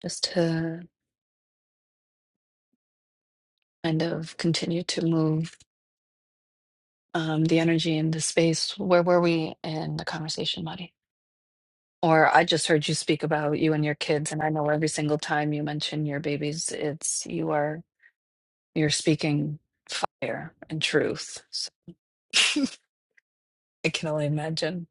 A: Just to kind of continue to move. um, the energy and the space. Where were we in the conversation, Marty? Or I just heard you speak about you and your kids, and I know every single time you mention your babies, it's you are you're speaking fire and truth. So I can only imagine.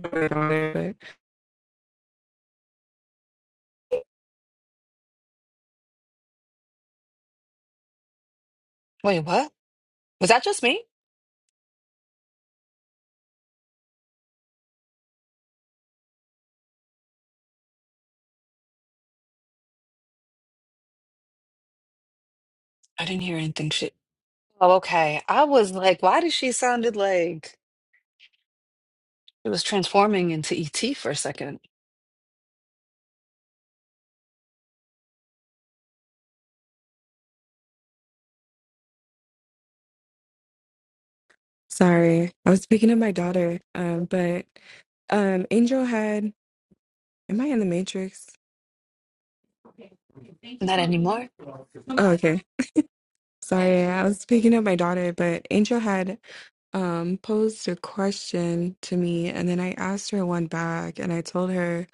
C: My daughter, but-
A: Wait, what? Was that just me? I didn't hear anything. She. Oh, okay. I was like, why did she sounded like it was transforming into ET for a second?
C: Sorry, I was speaking of my daughter, um, but um, Angel had Am I in the Matrix?
A: Not anymore.
C: Oh, okay. Sorry, I was picking up my daughter, but Angel had um posed a question to me, and then I asked her one back, and I told her,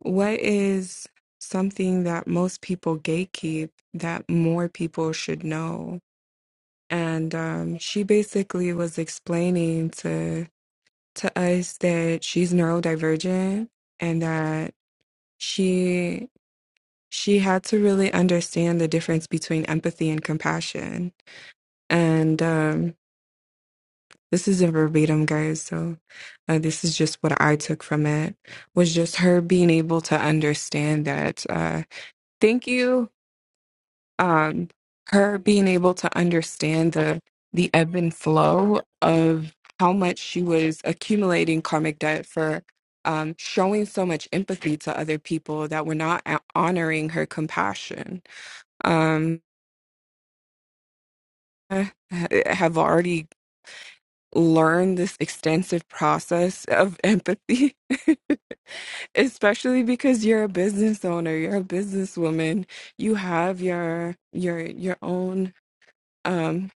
C: "What is something that most people gatekeep that more people should know?" And um, she basically was explaining to to us that she's neurodivergent and that she she had to really understand the difference between empathy and compassion And um, this isn't verbatim, guys. So uh, this is just what I took from it was just her being able to understand that. Uh, thank you. Um, her being able to understand the the ebb and flow of how much she was accumulating karmic debt for um, showing so much empathy to other people that were not a- honoring her compassion. Um, I have already learn this extensive process of empathy, especially because you're a business owner, you're a businesswoman, you have your your your own um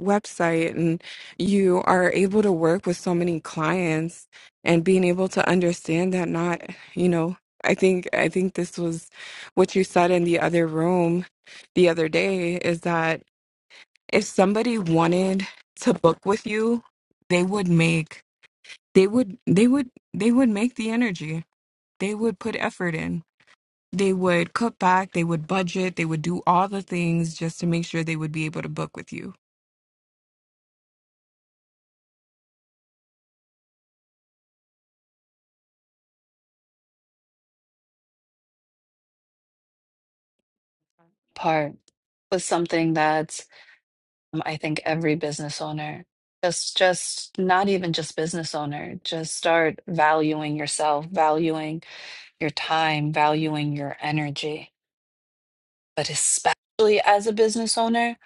C: website and you are able to work with so many clients and being able to understand that not, you know, I think I think this was what you said in the other room the other day is that if somebody wanted to book with you, they would make they would they would they would make the energy they would put effort in they would cut back they would budget they would do all the things just to make sure they would be able to book with you
A: Part was something that. Um, I think every business owner, just just not even just business owner, just start valuing yourself, valuing your time, valuing your energy. But especially as a business owner,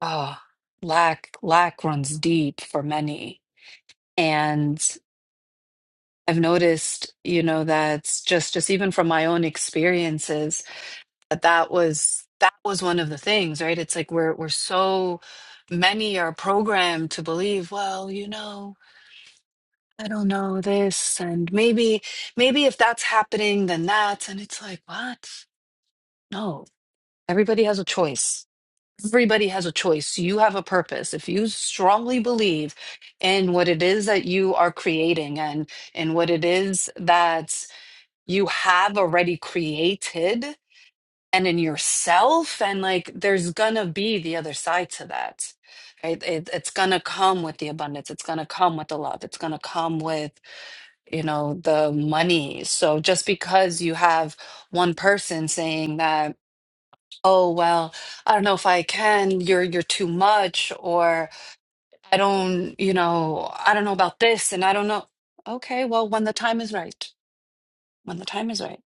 A: oh, lack lack runs deep for many. And I've noticed, you know, that's just just even from my own experiences that that was that was one of the things, right? It's like we're we're so many are programmed to believe, well, you know, I don't know this, and maybe, maybe if that's happening, then that. And it's like, what? No, everybody has a choice. Everybody has a choice. You have a purpose. If you strongly believe in what it is that you are creating and in what it is that you have already created and in yourself, and like there's gonna be the other side to that. Right? It, it's gonna come with the abundance. It's gonna come with the love. It's gonna come with you know, the money. So just because you have one person saying that, oh, well, I don't know if I can, you're you're too much, or I don't, you know, I don't know about this and I don't know. Okay, well, when the time is right, when the time is right.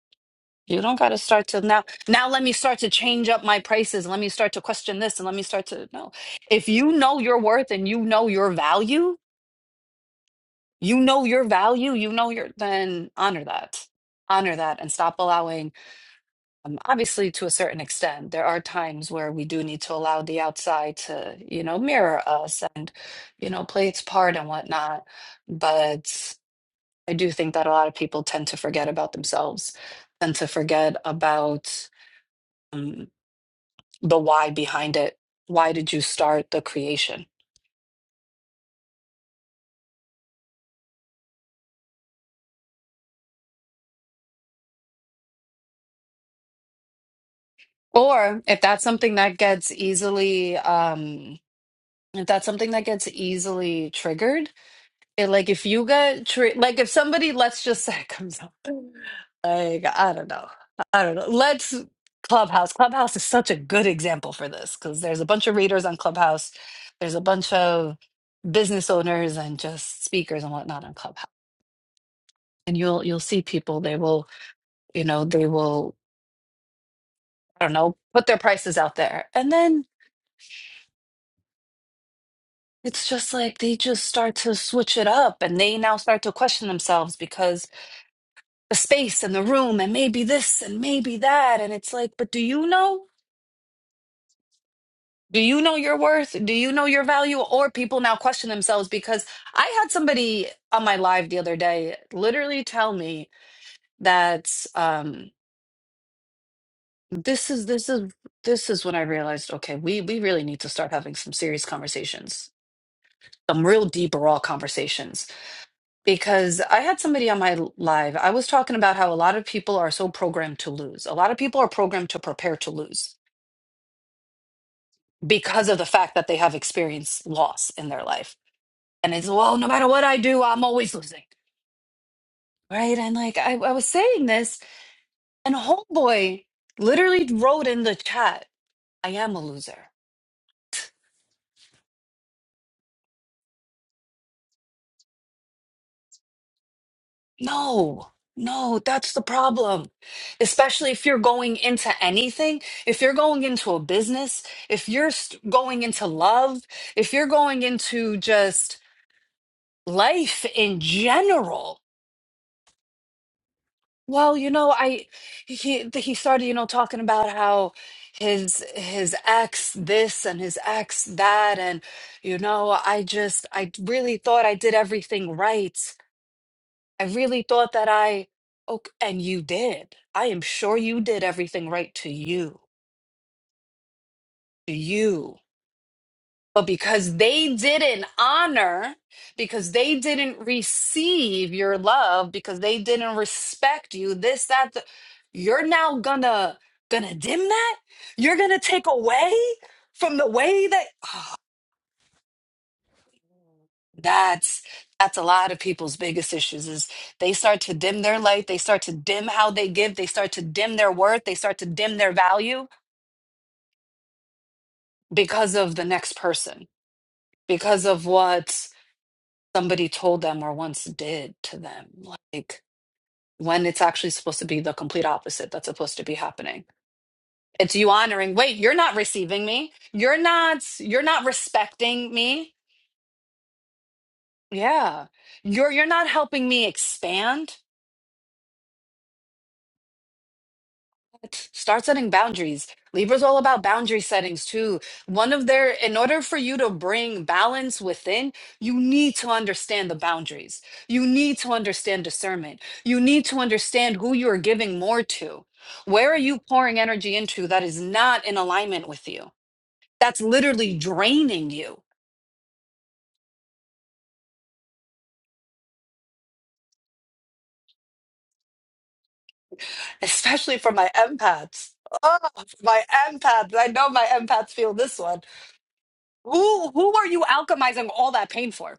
A: You don't got to start to now. Now let me start to change up my prices. Let me start to question this and let me start to no. If you know your worth and you know your value, you know your value, you know your then honor that honor that and stop allowing Um, obviously, to a certain extent, there are times where we do need to allow the outside to, you know, mirror us and, you know, play its part and whatnot. But I do think that a lot of people tend to forget about themselves, tend to forget about um, the why behind it. Why did you start the creation? Or if that's something that gets easily, um, if that's something that gets easily triggered, And, like if you get treat like if somebody let's just say comes up like i don't know i don't know let's clubhouse clubhouse is such a good example for this because there's a bunch of readers on clubhouse there's a bunch of business owners and just speakers and whatnot on clubhouse and you'll you'll see people they will you know they will i don't know put their prices out there and then it's just like they just start to switch it up and they now start to question themselves because. the space and the room and maybe this and maybe that and it's like but do you know do you know your worth do you know your value or people now question themselves because i had somebody on my live the other day literally tell me that um this is this is this is when i realized okay we we really need to start having some serious conversations some real deep raw conversations because i had somebody on my live i was talking about how a lot of people are so programmed to lose a lot of people are programmed to prepare to lose because of the fact that they have experienced loss in their life. And it's, well, no matter what I do, I'm always losing. Right. And like I, I was saying this, and Homeboy literally wrote in the chat, I am a loser. No, no, that's the problem. Especially if you're going into anything, if you're going into a business, if you're st- going into love, if you're going into just life in general Well, you know, I he he started, you know, talking about how his his ex this and his ex that and you know, I just I really thought I did everything right. I really thought that I oh and you did. I am sure you did everything right to you. To you. But because they didn't honor, because they didn't receive your love, because they didn't respect you, this, that, the, you're now gonna gonna dim that? You're gonna take away from the way that oh, that's that's a lot of people's biggest issues is they start to dim their light, they start to dim how they give, they start to dim their worth, they start to dim their value because of the next person, because of what somebody told them or once did to them like when it's actually supposed to be the complete opposite that's supposed to be happening it's you honoring wait you're not receiving me you're not you're not respecting me yeah you're you're not helping me expand Start setting boundaries. Libra's all about boundary settings too. One of their, in order for you to bring balance within, you need to understand the boundaries. You need to understand discernment. You need to understand who you are giving more to. Where are you pouring energy into that is not in alignment with you? That's literally draining you, especially for my empaths. Oh, my empaths. I know my empaths feel this one. Who who are you alchemizing all that pain for?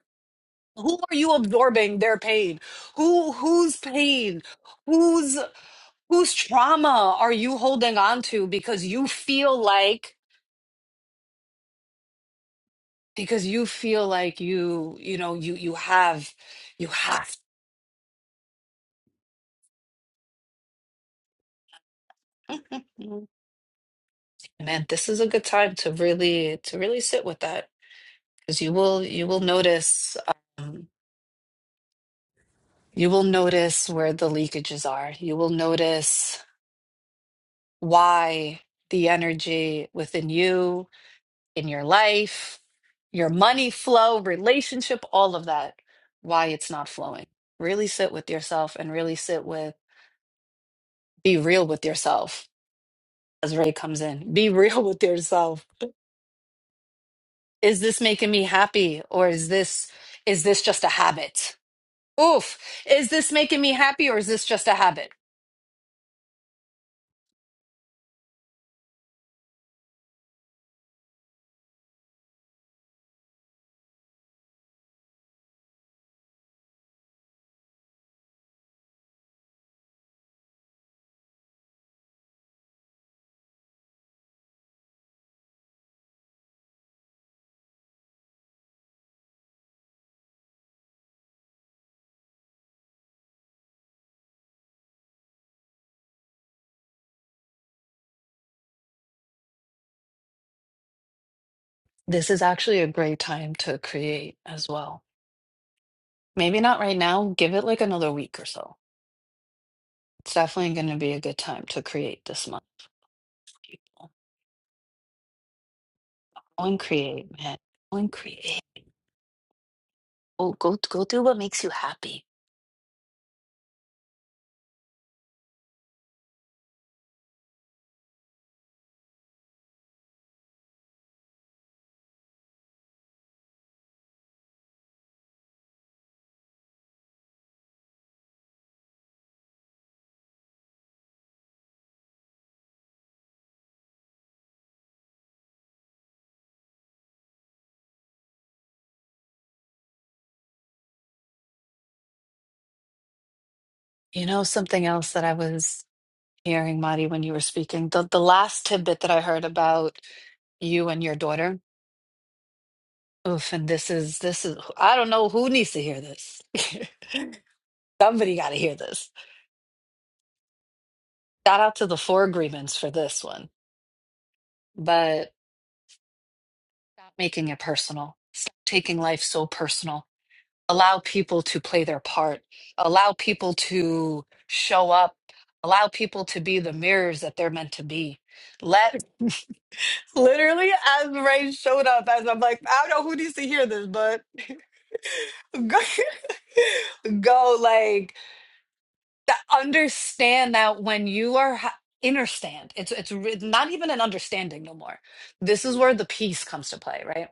A: who are you absorbing their pain who whose pain whose whose trauma are you holding on to because you feel like because you feel like you you know you you have you have Mhm. man this is a good time to really to really sit with that because you will you will notice um, you will notice where the leakages are you will notice why the energy within you in your life, your money flow, relationship, all of that, why it's not flowing. Really sit with yourself and really sit with, be real with yourself as Ray comes in. Be real with yourself. Is this making me happy or is this is this just a habit? Oof. Is this making me happy or is this just a habit? This is actually a great time to create as well. Maybe not right now, give it like another week or so. It's definitely going to be a good time to create this month. Go and create, man. Go and create. Go, go, go do what makes you happy. You know, something else that I was hearing, Marty, when you were speaking, the, the last tidbit that I heard about you and your daughter. Oof, and this is, this is, I don't know who needs to hear this. Somebody got to hear this. Shout out to the four agreements for this one. But stop making it personal. Stop taking life so personal allow people to play their part, allow people to show up, allow people to be the mirrors that they're meant to be. Let literally as Ray showed up, as I'm like, I don't know who needs to hear this, but go, go like that, understand that when you are ha- understand, it's it's re- not even an understanding no more. This is where the peace comes to play, right?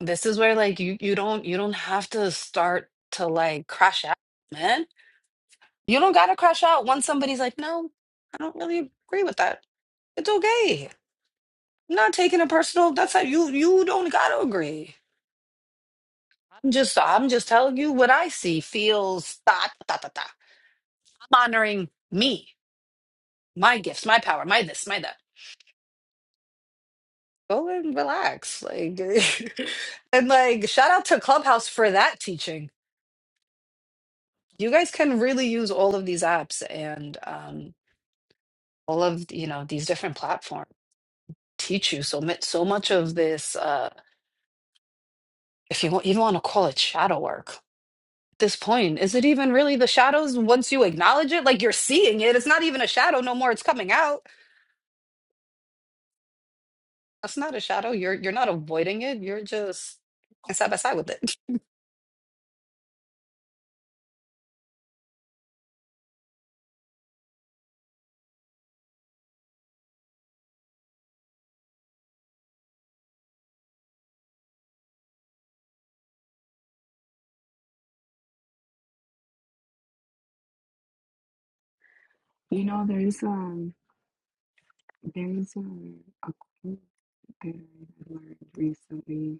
A: This is where like you you don't you don't have to start to like crash out, man. You don't gotta crash out once somebody's like, no, I don't really agree with that. It's okay. I'm not taking it personal. That's how you you don't gotta agree. I'm just I'm just telling you what I see, feels, da da da da. I'm honoring me, my gifts, my power, my this, my that. Go and relax. Like and like shout out to Clubhouse for that teaching. You guys can really use all of these apps and um all of you know these different platforms teach you so much so much of this uh if you want, even want to call it shadow work at this point is it even really the shadows once you acknowledge it like you're seeing it it's not even a shadow no more it's coming out that's not a shadow you're you're not avoiding it you're just side by side with it
C: You know, there's um there's um, a quote that I learned recently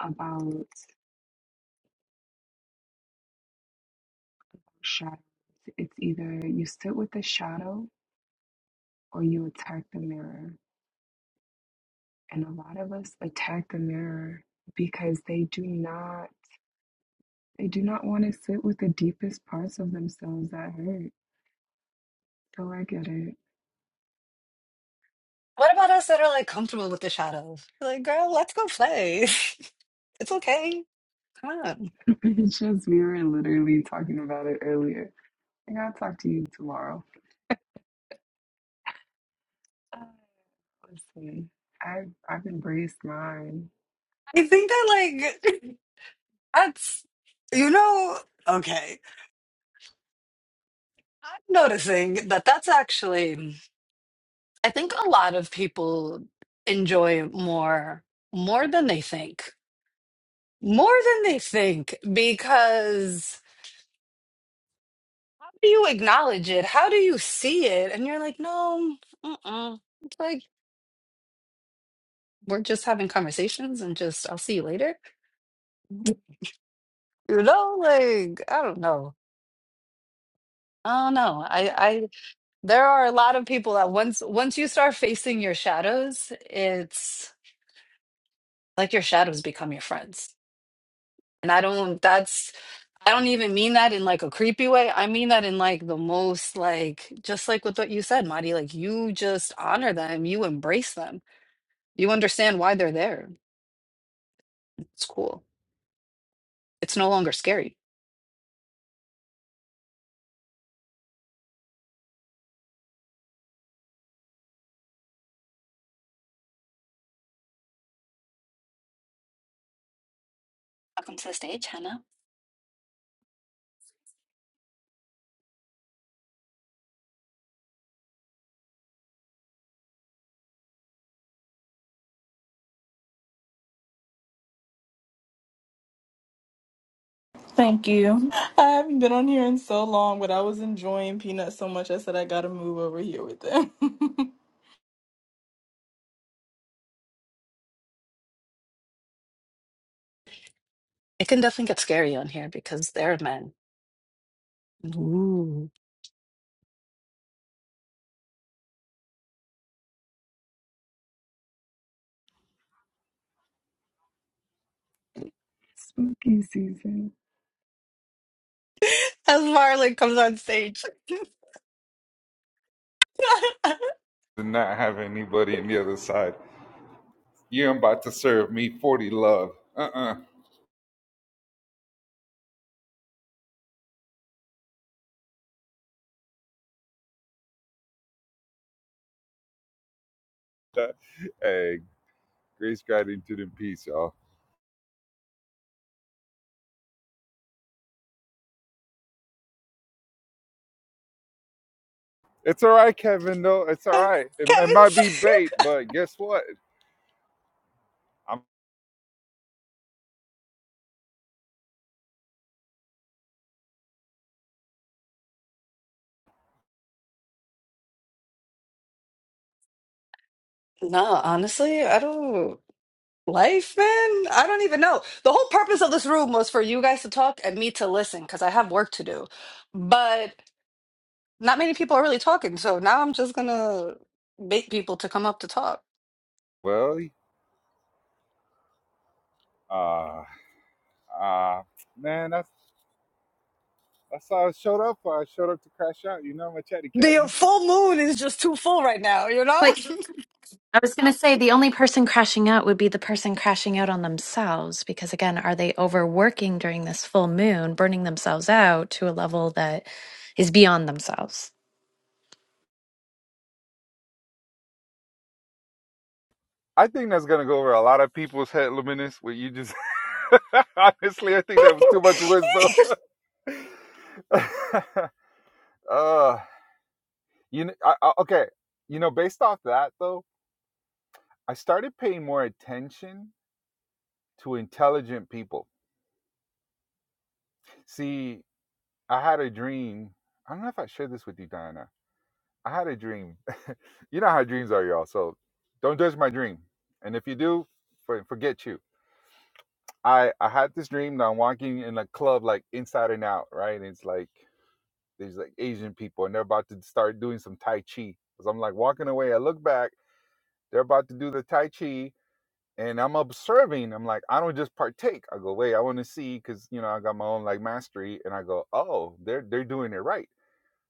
C: about shadows. It's either you sit with the shadow or you attack the mirror. And a lot of us attack the mirror because they do not they do not want to sit with the deepest parts of themselves that hurt. Oh, I get it.
A: what about us that are like comfortable with the shadows like girl let's go play it's okay come on
C: It's just we were literally talking about it earlier. I gotta talk to you tomorrow. Uh, listen, I've I've embraced mine.
A: i think that like that's you know okay I'm noticing that that's actually, mm, I think a lot of people enjoy it more, more than they think, more than they think, because how do you acknowledge it? How do you see it? And you're like, no, mm-mm. It's like we're just having conversations and just I'll see you later. You know, like I don't know. I don't know. I, I, there are a lot of people that once, once you start facing your shadows, it's like your shadows become your friends And I don't, that's, I don't even mean that in like a creepy way. I mean that in like the most, like, just like with what you said, Marty, like you just honor them, you embrace them, you understand why they're there. It's cool. It's no longer scary. Welcome to the stage, Hannah.
F: Thank you. I haven't been on here in so long, but I was enjoying Peanut so much. I said I gotta move over here with them.
A: It can definitely get scary on here because they're men. Ooh.
C: Spooky season.
A: As Marlon comes on stage.
G: and not have anybody on the other side. You're about to serve me 40 love. Uh-uh. Hey, grace, gratitude, and peace, y'all. It's all right, Kevin, though. It's all right. It, it might
A: Kevin's.
G: be bait, but guess what? I'm
A: No, honestly, I don't. Life, man? I don't even know. The whole purpose of this room was for you guys to talk and me to listen because I have work to do. But not many people are really talking, so now I'm just gonna bait people to come up to talk.
G: well, uh, uh, man, that's that's how I showed up. I showed up to crash out, you know, I'm a chatty
A: The
G: catty.
A: full moon is just too full right now, you know?
H: But I was going to say the only person crashing out would be the person crashing out on themselves because, again, are they overworking during this full moon, burning themselves out to a level that is beyond themselves?
G: I think that's gonna go over a lot of people's head, Luminous. Where you just honestly, I think that was too much wisdom. uh, You know, I, I, okay. You know, based off that though, I started paying more attention to intelligent people. See, I had a dream. I don't know if I shared this with you, Diana. I had a dream. you know how dreams are, y'all. So don't judge my dream. And if you do, for, forget you. I I had this dream that I'm walking in a club like inside and out, right? And it's like there's like Asian people and they're about to start doing some Tai Chi. Cause I'm like walking away. I look back. They're about to do the Tai Chi and I'm observing. I'm like, I don't just partake. I go, wait, I want to see because you know I got my own like mastery, and I go, oh, they're they're doing it right.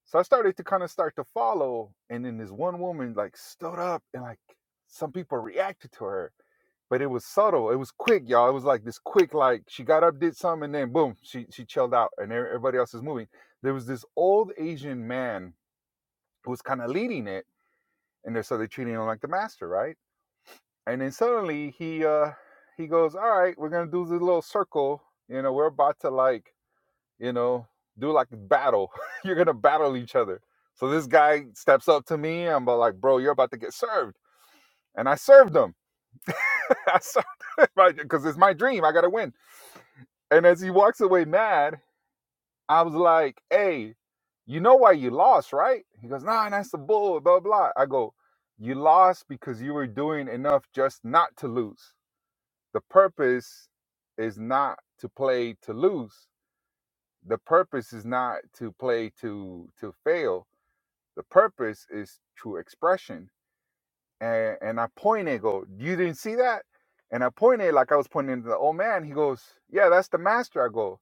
G: So I started to kind of start to follow, and then this one woman like stood up and like some people reacted to her, but it was subtle. It was quick, y'all. It was like this quick, like she got up, did something, and then boom, she she chilled out, and e- everybody else is moving. There was this old Asian man who was kind of leading it, and they're so they're treating him like the master, right? and then suddenly he uh he goes all right we're gonna do this little circle you know we're about to like you know do like battle you're gonna battle each other so this guy steps up to me i'm about like bro you're about to get served and i served him i served because it's my dream i gotta win and as he walks away mad i was like hey you know why you lost right he goes nah that's the bull blah blah i go you lost because you were doing enough just not to lose The purpose is not to play to lose. The purpose is not to play to to fail. The purpose is true expression. And and I pointed, and go, you didn't see that? And I pointed like I was pointing to the old man. He goes, yeah, that's the master. I go,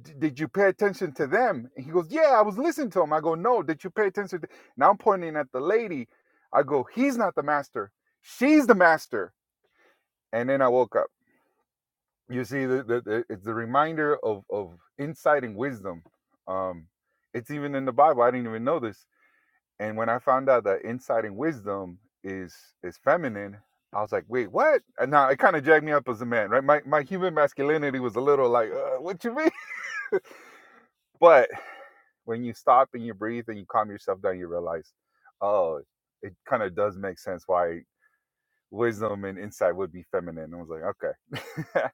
G: "D- did you pay attention to them? And he goes, yeah, I was listening to him. I go, no, did you pay attention? To... Now I'm pointing at the lady. I go, he's not the master. She's the master. And then I woke up. you see the, the, the- it's the reminder of of insight and wisdom um it's even in the bible i didn't even know this and when i found out that insight and wisdom is is feminine i was like wait what and now it kind of jacked me up as a man right my, my human masculinity was a little like uh, what you mean but when you stop and you breathe and you calm yourself down you realize oh it kind of does make sense why wisdom and insight would be feminine i was like okay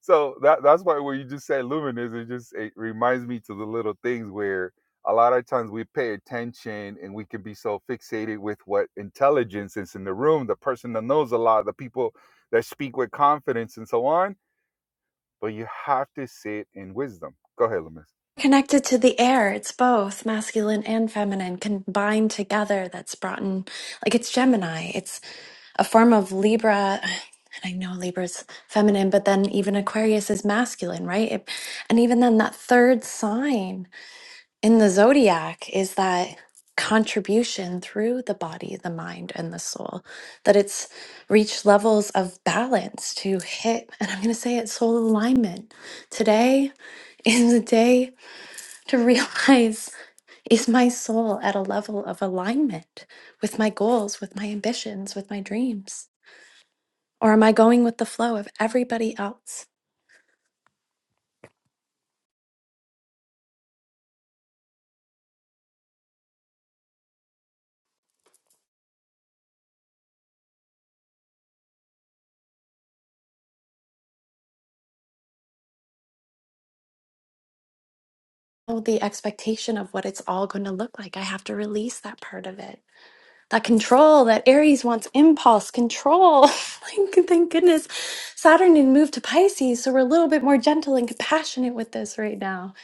G: so that that's why when you just said luminous, it just it reminds me to the little things where a lot of times we pay attention and we can be so fixated with what intelligence is in the room, the person that knows a lot, the people that speak with confidence and so on. But you have to sit in wisdom. Go ahead, Luminous.
H: Connected to the air, it's both masculine and feminine combined together that's brought in, like it's Gemini, it's a form of Libra. And I know Libra's feminine, but then even Aquarius is masculine, right? It, and even then, that third sign. in the zodiac is that contribution through the body, the mind, and the soul, that it's reached levels of balance to hit, and I'm going to say it, soul alignment. Today is the day to realize is my soul at a level of alignment with my goals, with my ambitions, with my dreams? Or am I going with the flow of everybody else? Oh, The expectation of what it's all going to look like. I have to release that part of it that control that aries wants impulse control thank, thank goodness saturn had moved to pisces so we're a little bit more gentle and compassionate with this right now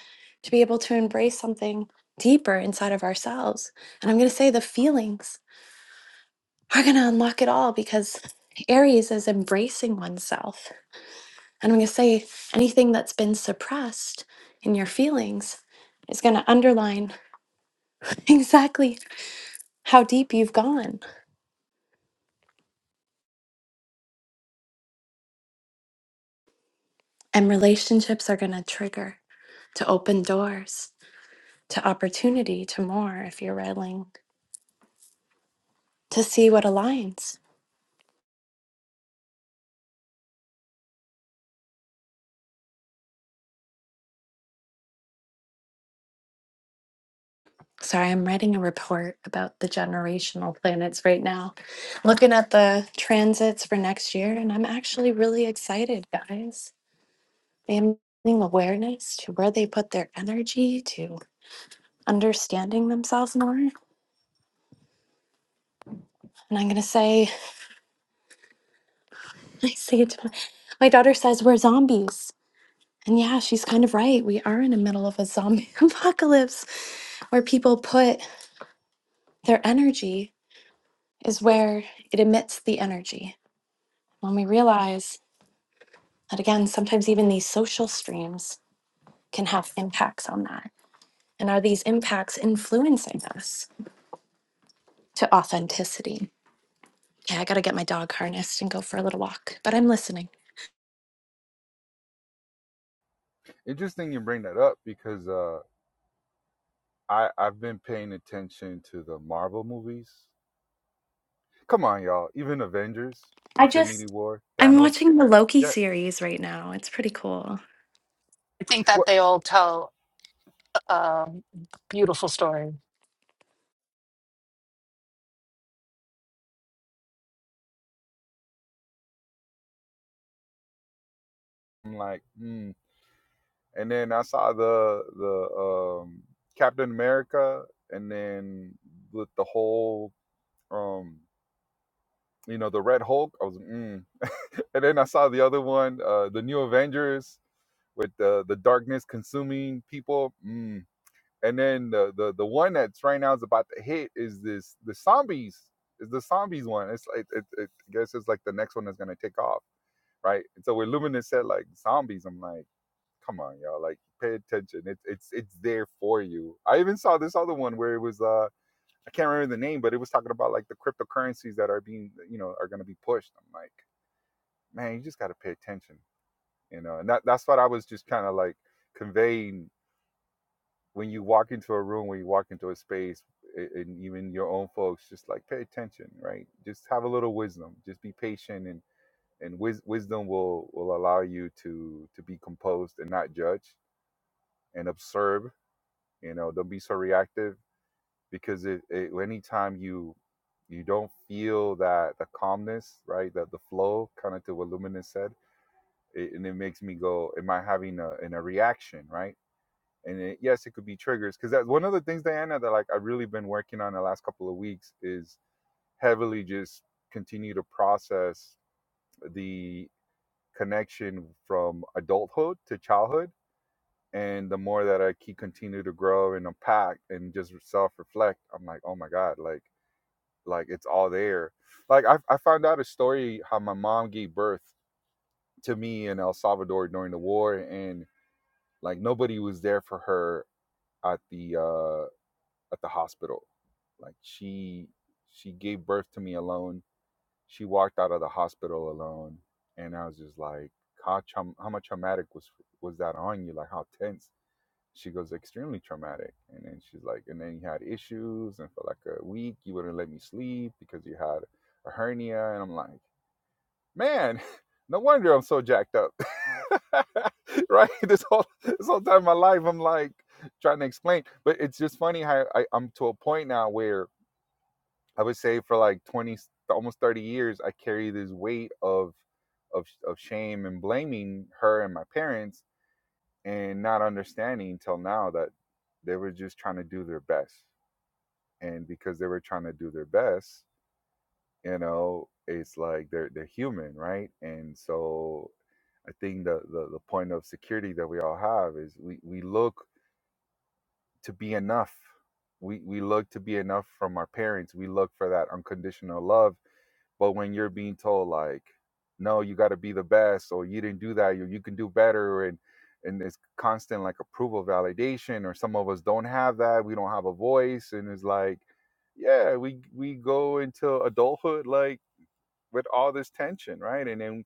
H: to be able to embrace something deeper inside of ourselves and i'm going to say the feelings are going to unlock it all because aries is embracing oneself and i'm going to say anything that's been suppressed in your feelings is going to underline exactly how deep you've gone And relationships are going to trigger to open doors to opportunity to more if you're willing to see what aligns. Sorry, I'm writing a report about the generational planets right now, looking at the transits for next year, and I'm actually really excited, guys. I'm bringing awareness to where they put their energy, to understanding themselves more. And I'm going to say, I say it to my, my daughter says, We're zombies And yeah, she's kind of right. We are in the middle of a zombie apocalypse where people put their energy is where it emits the energy. When we realize that, again, sometimes even these social streams can have impacts on that. And are these impacts influencing us to authenticity? Yeah, I got to get my dog harnessed and go for a little walk, but I'm listening.
G: Interesting you bring that up because uh, I I've been paying attention to the Marvel movies. Come on, y'all. Even Avengers,
H: I
G: Infinity
H: just,
G: War,
H: I'm
G: Thanos.
H: watching the Loki
G: Yeah.
H: series right now. It's pretty cool.
A: I think that
G: What?
A: they all tell a beautiful story.
G: I'm like, hmm. and then I saw the the um, Captain America, and then with the whole um, you know the Red Hulk. I was mm. and then I saw the other one, uh, the New Avengers with the the darkness consuming people. Mm. And then the, the the one that's right now is about to hit is this the zombies is the zombies one. It's like it, it, I guess it's like the next one that's gonna take off, right? And so when Luminous said like zombies, I'm like come on, y'all. Like, pay attention. It's it's it's there for you. I even saw this other one where it was uh I can't remember the name, but it was talking about like the cryptocurrencies that are being you know are going to be pushed. I'm like, man, you just got to pay attention, you know. And that that's what I was just kind of like conveying when you walk into a room, when you walk into a space, a- and even your own folks, just like pay attention, right? Just have a little wisdom. Just be patient and. And wis- wisdom will will allow you to to be composed and not judge and observe you know don't be so reactive because it, it anytime you you don't feel that the calmness right that the flow kind of to what luminous said it, and it makes me go am i having a, in a reaction right and it, yes it could be triggers because that's one of the things diana that like i've really been working on the last couple of weeks is heavily just continue to process the connection from adulthood to childhood and the more that I keep continue to grow and unpack and just self reflect, I'm like, oh my god, like like it's all there. Like I I found out a story how my mom gave birth to me in El Salvador during the war, and like nobody was there for her at the uh at the hospital. Like she she gave birth to me alone. She walked out of the hospital alone, and I was just like, how tra- how much traumatic was was that on you? Like how tense she goes extremely traumatic and then she's like and then you had issues and for like a week you wouldn't let me sleep because you had a hernia and i'm like man no wonder i'm so jacked up right this whole this whole time of my life i'm like trying to explain but it's just funny how I, i'm to a point now where i would say for like 20 almost 30 years i carry this weight of of, of shame and blaming her and my parents and not understanding till now that they were just trying to do their best and because they were trying to do their best you know it's like they're they're human right and so i think the the, the point of security that we all have is we we look to be enough. We we look to be enough from our parents. We look for that unconditional love. But when you're being told like, no, you got to be the best, or you didn't do that, you you can do better, and and it's constant like approval validation, or some of us don't have that. We don't have a voice, and it's like, yeah, we we go into adulthood like with all this tension, right? And then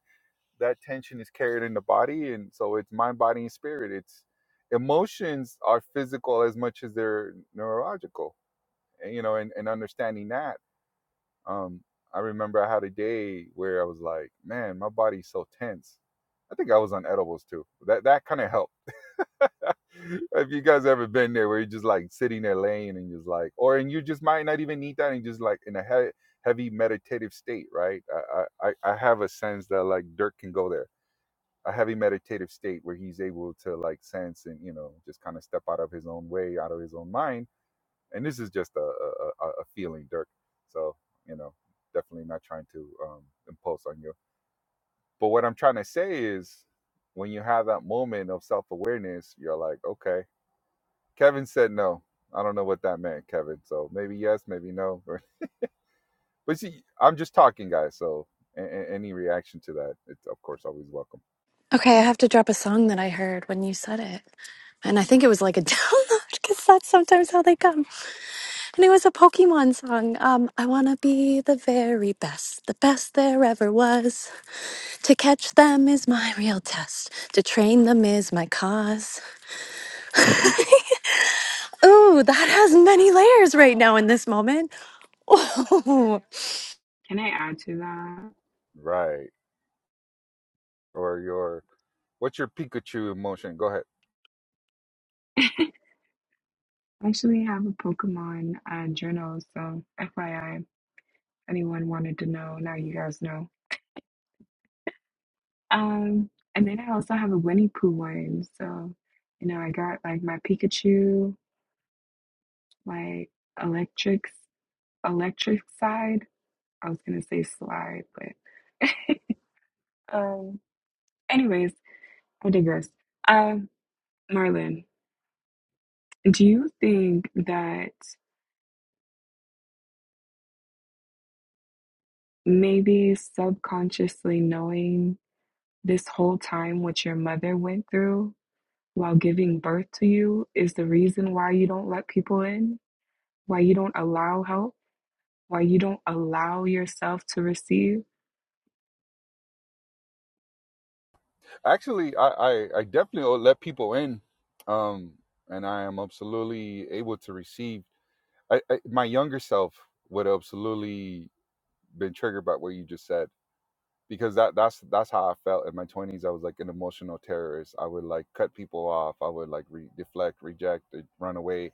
G: that tension is carried in the body and so it's mind body and spirit it's emotions are physical as much as they're neurological and, you know and, and understanding that um i remember i had a day where i was like man my body's so tense i think i was on edibles too that that kind of helped if you guys ever been there where you're just like sitting there laying and just like or and you just might not even need that and just like in a he- heavy meditative state right I, I i I have a sense that like dirt can go there a heavy meditative state where he's able to like sense and you know just kind of step out of his own way out of his own mind and this is just a a, a a feeling dirk so you know definitely not trying to um impulse on you but what i'm trying to say is when you have that moment of self-awareness you're like okay kevin said no i don't know what that meant kevin so maybe yes maybe no or- but see i'm just talking guys so a- a- any reaction to that it's of course always welcome
H: Okay, I have to drop a song that I heard when you said it. And I think it was like a download because that's sometimes how they come. And it was a Pokemon song. Um, I want to be the very best, the best there ever was. To catch them is my real test, to train them is my cause. Ooh, that has many layers right now in this moment. Ooh.
C: Can I add to that?
G: right or your What's your Pikachu emotion? Go ahead.
C: I actually have a Pokemon uh, journal, so FYI, anyone wanted to know, now you guys know. Um, and then I also have a Winnie Pooh one, so you know I got like my Pikachu, my electric electric side. I was gonna say slide, but um anyways, I digress. Um, Marlon, do you think that maybe subconsciously knowing this whole time what your mother went through while giving birth to you is the reason why you don't let people in, why you don't allow help, why you don't allow yourself to receive?
G: Actually, I, I, I definitely let people in, um, and I am absolutely able to receive. I, I, my younger self would have absolutely been triggered by what you just said because that that's that's how I felt in my twenties. I was like an emotional terrorist. I would like cut people off. I would like re- deflect, reject, uh, run away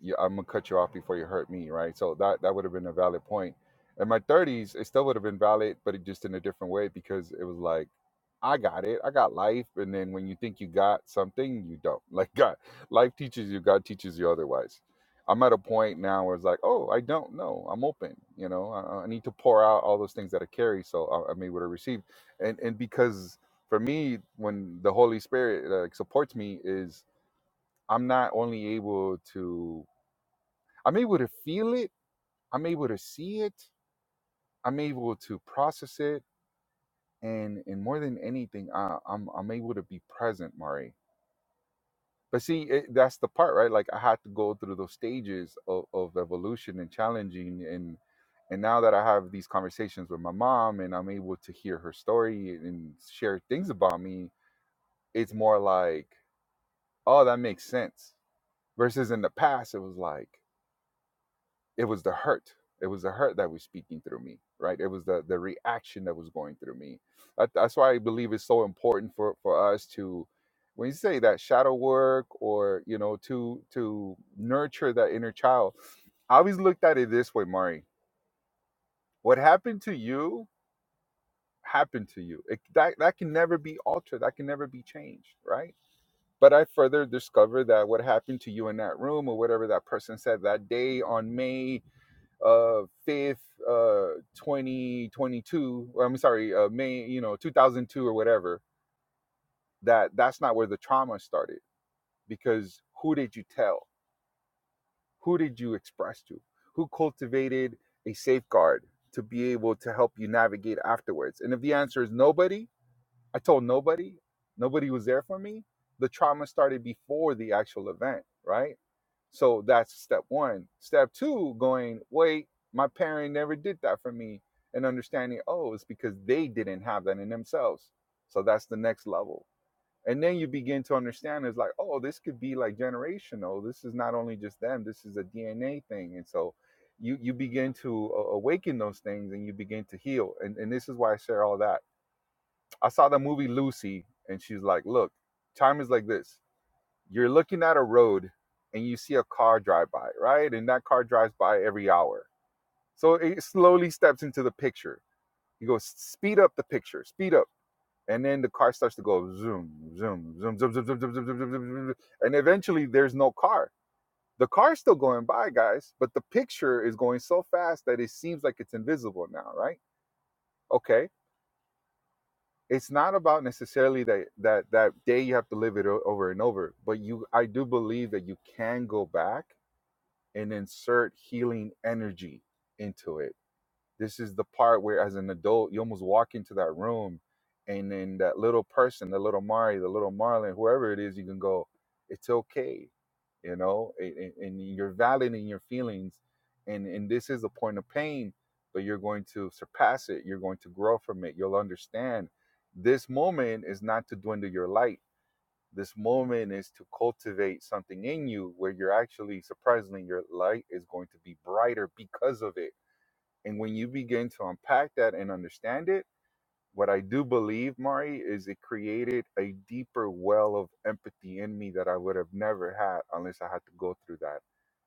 G: you, I'm gonna cut you off before you hurt me, right? So that that would have been a valid point. In my 30s, it still would have been valid, but it just in a different way because it was like, I got it, I got life, and then when you think you got something, you don't. Like God, life teaches you, God teaches you otherwise. I'm at a point now where it's like, oh, I don't know. I'm open. You know, I, I need to pour out all those things that I carry, so I, I'm able to receive. And and because for me, when the Holy Spirit like supports me, is I'm not only able to I'm able to feel it, I'm able to see it, I'm able to process it, and and more than anything, I, I'm I'm able to be present, Mari. But see, it, that's the part, right? Like I had to go through those stages of, of evolution and challenging, and and now that I have these conversations with my mom, and I'm able to hear her story and share things about me, it's more like, oh, that makes sense. Versus in the past, it was like. it was the hurt it was the hurt that was speaking through me right it was the the reaction that was going through me that, that's why i believe it's so important for for us to when you say that shadow work or you know to to nurture that inner child i always looked at it this way mari what happened to you happened to you it, that that can never be altered that can never be changed right but i further discovered that what happened to you in that room or whatever that person said that day on may uh 5th uh 2022 or i'm sorry uh may you know 2002 or whatever that that's not where the trauma started because who did you tell who did you express to who cultivated a safeguard to be able to help you navigate afterwards and if the answer is nobody I told nobody. Nobody was there for me. The trauma started before the actual event, right? So that's step one. Step two, going, wait, my parent never did that for me. And understanding, oh, it's because they didn't have that in themselves. So that's the next level. And then you begin to understand it's like, oh, this could be like generational. This is not only just them, this is a DNA thing. And so you you begin to awaken those things and you begin to heal. And, and this is why I share all that I saw the movie Lucy, and she's like, "Look, time is like this. You're looking at a road, and you see a car drive by, right? And that car drives by every hour. So it slowly steps into the picture. He goes, speed up the picture, speed up, and then the car starts to go zoom, zoom, zoom, zoom, zoom, zoom, zoom, zoom, zoom, zoom, zoom, zoom, zoom. and eventually there's no car. The car's still going by, guys, but the picture is going so fast that it seems like it's invisible now, right? Okay it's not about necessarily that that that day you have to live it o- over and over but you i do believe that you can go back and insert healing energy into it this is the part where, as an adult, you almost walk into that room, and then that little person, the little Mari, the little Marlin, whoever it is, you can go, it's okay, you know, and, and you're valid in your feelings, and and this is a point of pain, but you're going to surpass it. You're going to grow from it. You'll understand. This moment is not to dwindle your light. This moment is to cultivate something in you where you're actually surprisingly your light is going to be brighter because of it and when you begin to unpack that and understand it, what I do believe, Mari, is it created a deeper well of empathy in me that I would have never had unless I had to go through that.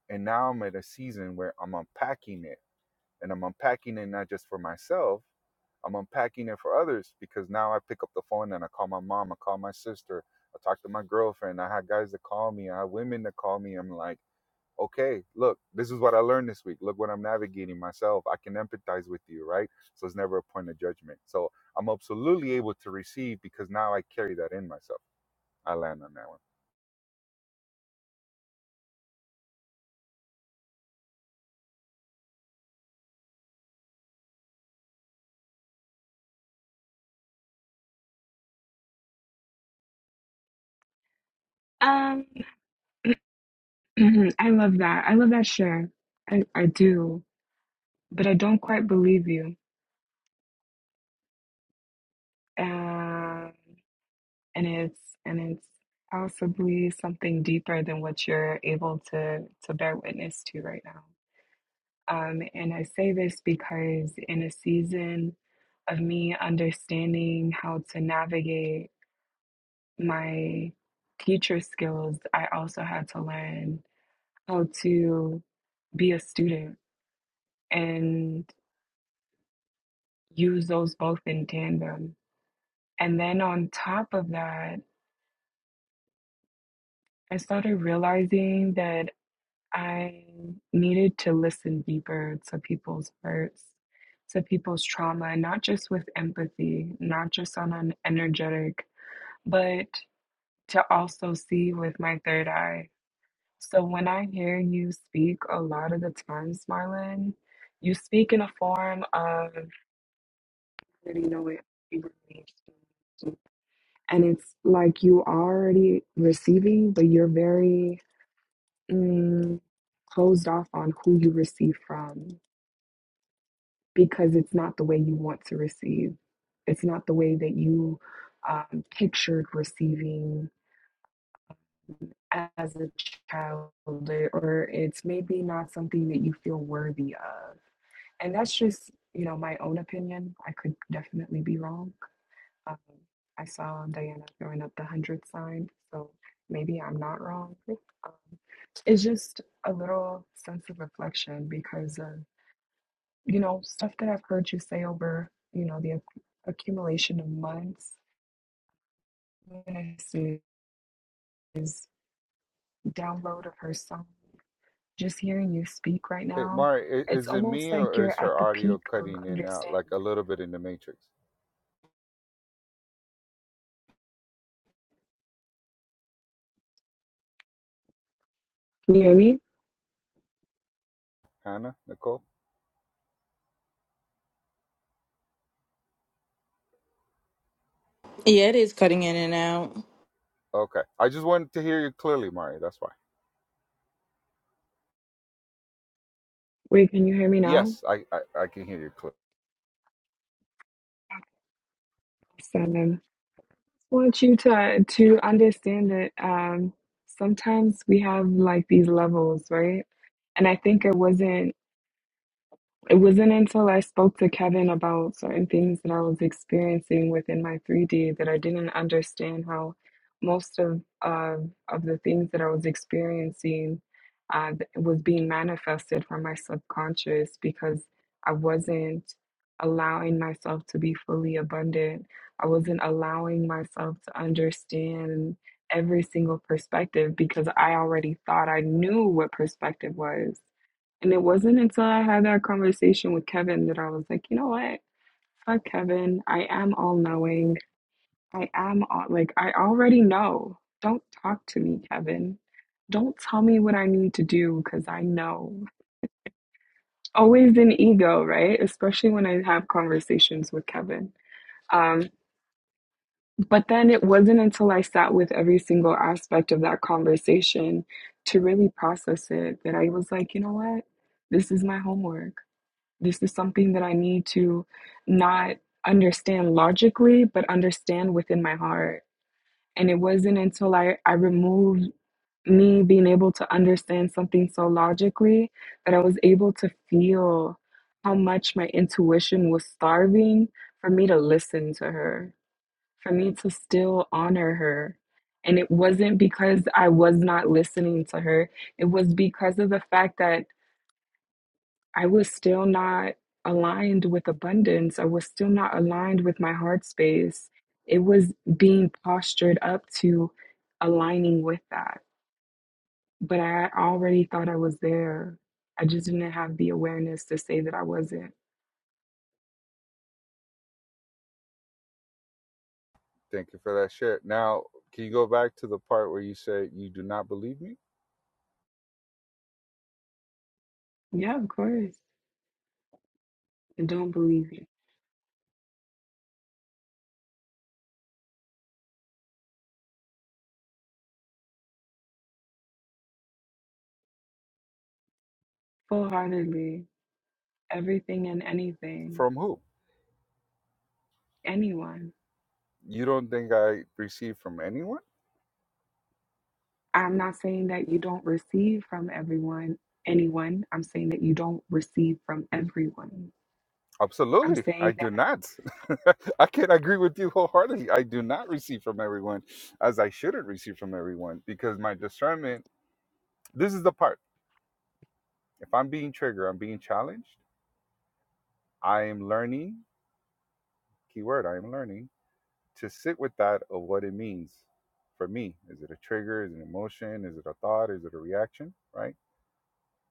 G: And now I'm at a season where I'm unpacking it. And I'm unpacking it not just for myself, I'm unpacking it for others because now I pick up the phone and I call my mom, I call my sister, I talk to my girlfriend, I have guys that call me, I have women that call me. I'm like, okay, look, this is what I learned this week. Look what I'm navigating myself. I can empathize with you, right? So it's never a point of judgment. So I'm absolutely able to receive because now I carry that in myself. I land on that one.
C: Um, I love that. I love that share. I, I do, but I don't quite believe you. um, and it's and it's possibly something deeper than what you're able to to bear witness to right now. Um, and I say this because in a season of me understanding how to navigate my teacher skills, I also had to learn how to be a student and use those both in tandem. And then on top of that, I started realizing that I needed to listen deeper to people's hurts, to people's trauma, not just with empathy, not just on an energetic, but to also see with my third eye. So when I hear you speak a lot of the times, Marlon, you speak in a form of you know what you release. and it's like you are already receiving, but you're very mm, closed off on who you receive from. because it's not the way you want to receive. It's not the way that you um, pictured receiving as a child, or it's maybe not something that you feel worthy of. And that's just, you know, my own opinion. I could definitely be wrong. Um, I saw Diana throwing up the hundred sign, so maybe I'm not wrong. Um, it's just a little sense of reflection because of you know, stuff that I've heard you say over, you know, the ac- accumulation of months, is download of her song. Just hearing you speak right
G: Hey,
C: now,
G: Mari, i-
C: it's
G: is it
C: almost
G: me
C: like
G: or is
C: you're at
G: her
C: the
G: audio
C: peak of
G: cutting in and out like
C: understanding.
G: a little bit in the matrix?
C: Can you hear me?
G: Hannah, Nicole?
F: yeah, it is cutting in and out.
G: Okay. I just wanted to hear you clearly, Mari. That's why.
C: Wait, can you hear me now?
G: Yes, I, I, I can hear you clearly.
C: Seven. I Want you to to understand that um, sometimes we have like these levels, right? And I think it wasn't. It wasn't until I spoke to Kevin about certain things that I was experiencing within my 3D that I didn't understand how most of uh, of the things that I was experiencing uh, th- was being manifested from my subconscious because I wasn't allowing myself to be fully abundant. I wasn't allowing myself to understand every single perspective because I already thought I knew what perspective was and it wasn't until I had that conversation with Kevin that I was like, you know what? Fuck Kevin. I am all knowing. I am all like, I already know. Don't talk to me, Kevin. Don't tell me what I need to do because I know. Always an ego, right? Especially when I have conversations with Kevin. Um, but then it wasn't until I sat with every single aspect of that conversation to really process it that I was like, you know what? This is my homework. This is something that I need to not understand logically, but understand within my heart. And it wasn't until I, I removed me being able to understand something so logically that I was able to feel how much my intuition was starving for me to listen to her, for me to still honor her. And it wasn't because I was not listening to her, it was because of the fact that I was still not aligned with abundance. I was still not aligned with my heart space. It was being postured up to aligning with that. But I already thought I was there. I just didn't have the awareness to say that I wasn't.
G: Thank you for that share. Now, can you go back to the part where you said you do not believe me?
C: Yeah, of course. I don't believe you. Full heartedly. Everything and anything.
G: From who?
C: Anyone.
G: You don't think I receive from anyone?
C: I'm not saying that you don't receive from everyone, anyone. I'm saying that you don't receive from everyone. I'm
G: Absolutely, I
C: saying
G: do not. I can agree with you wholeheartedly. I do not receive from everyone as I shouldn't receive from everyone because my discernment, this is the part. If I'm being triggered, I'm being challenged, I am learning, keyword, I am learning to sit with that of what it means for me. Is it a trigger? Is it an emotion? Is it a thought? Is it a reaction? Right?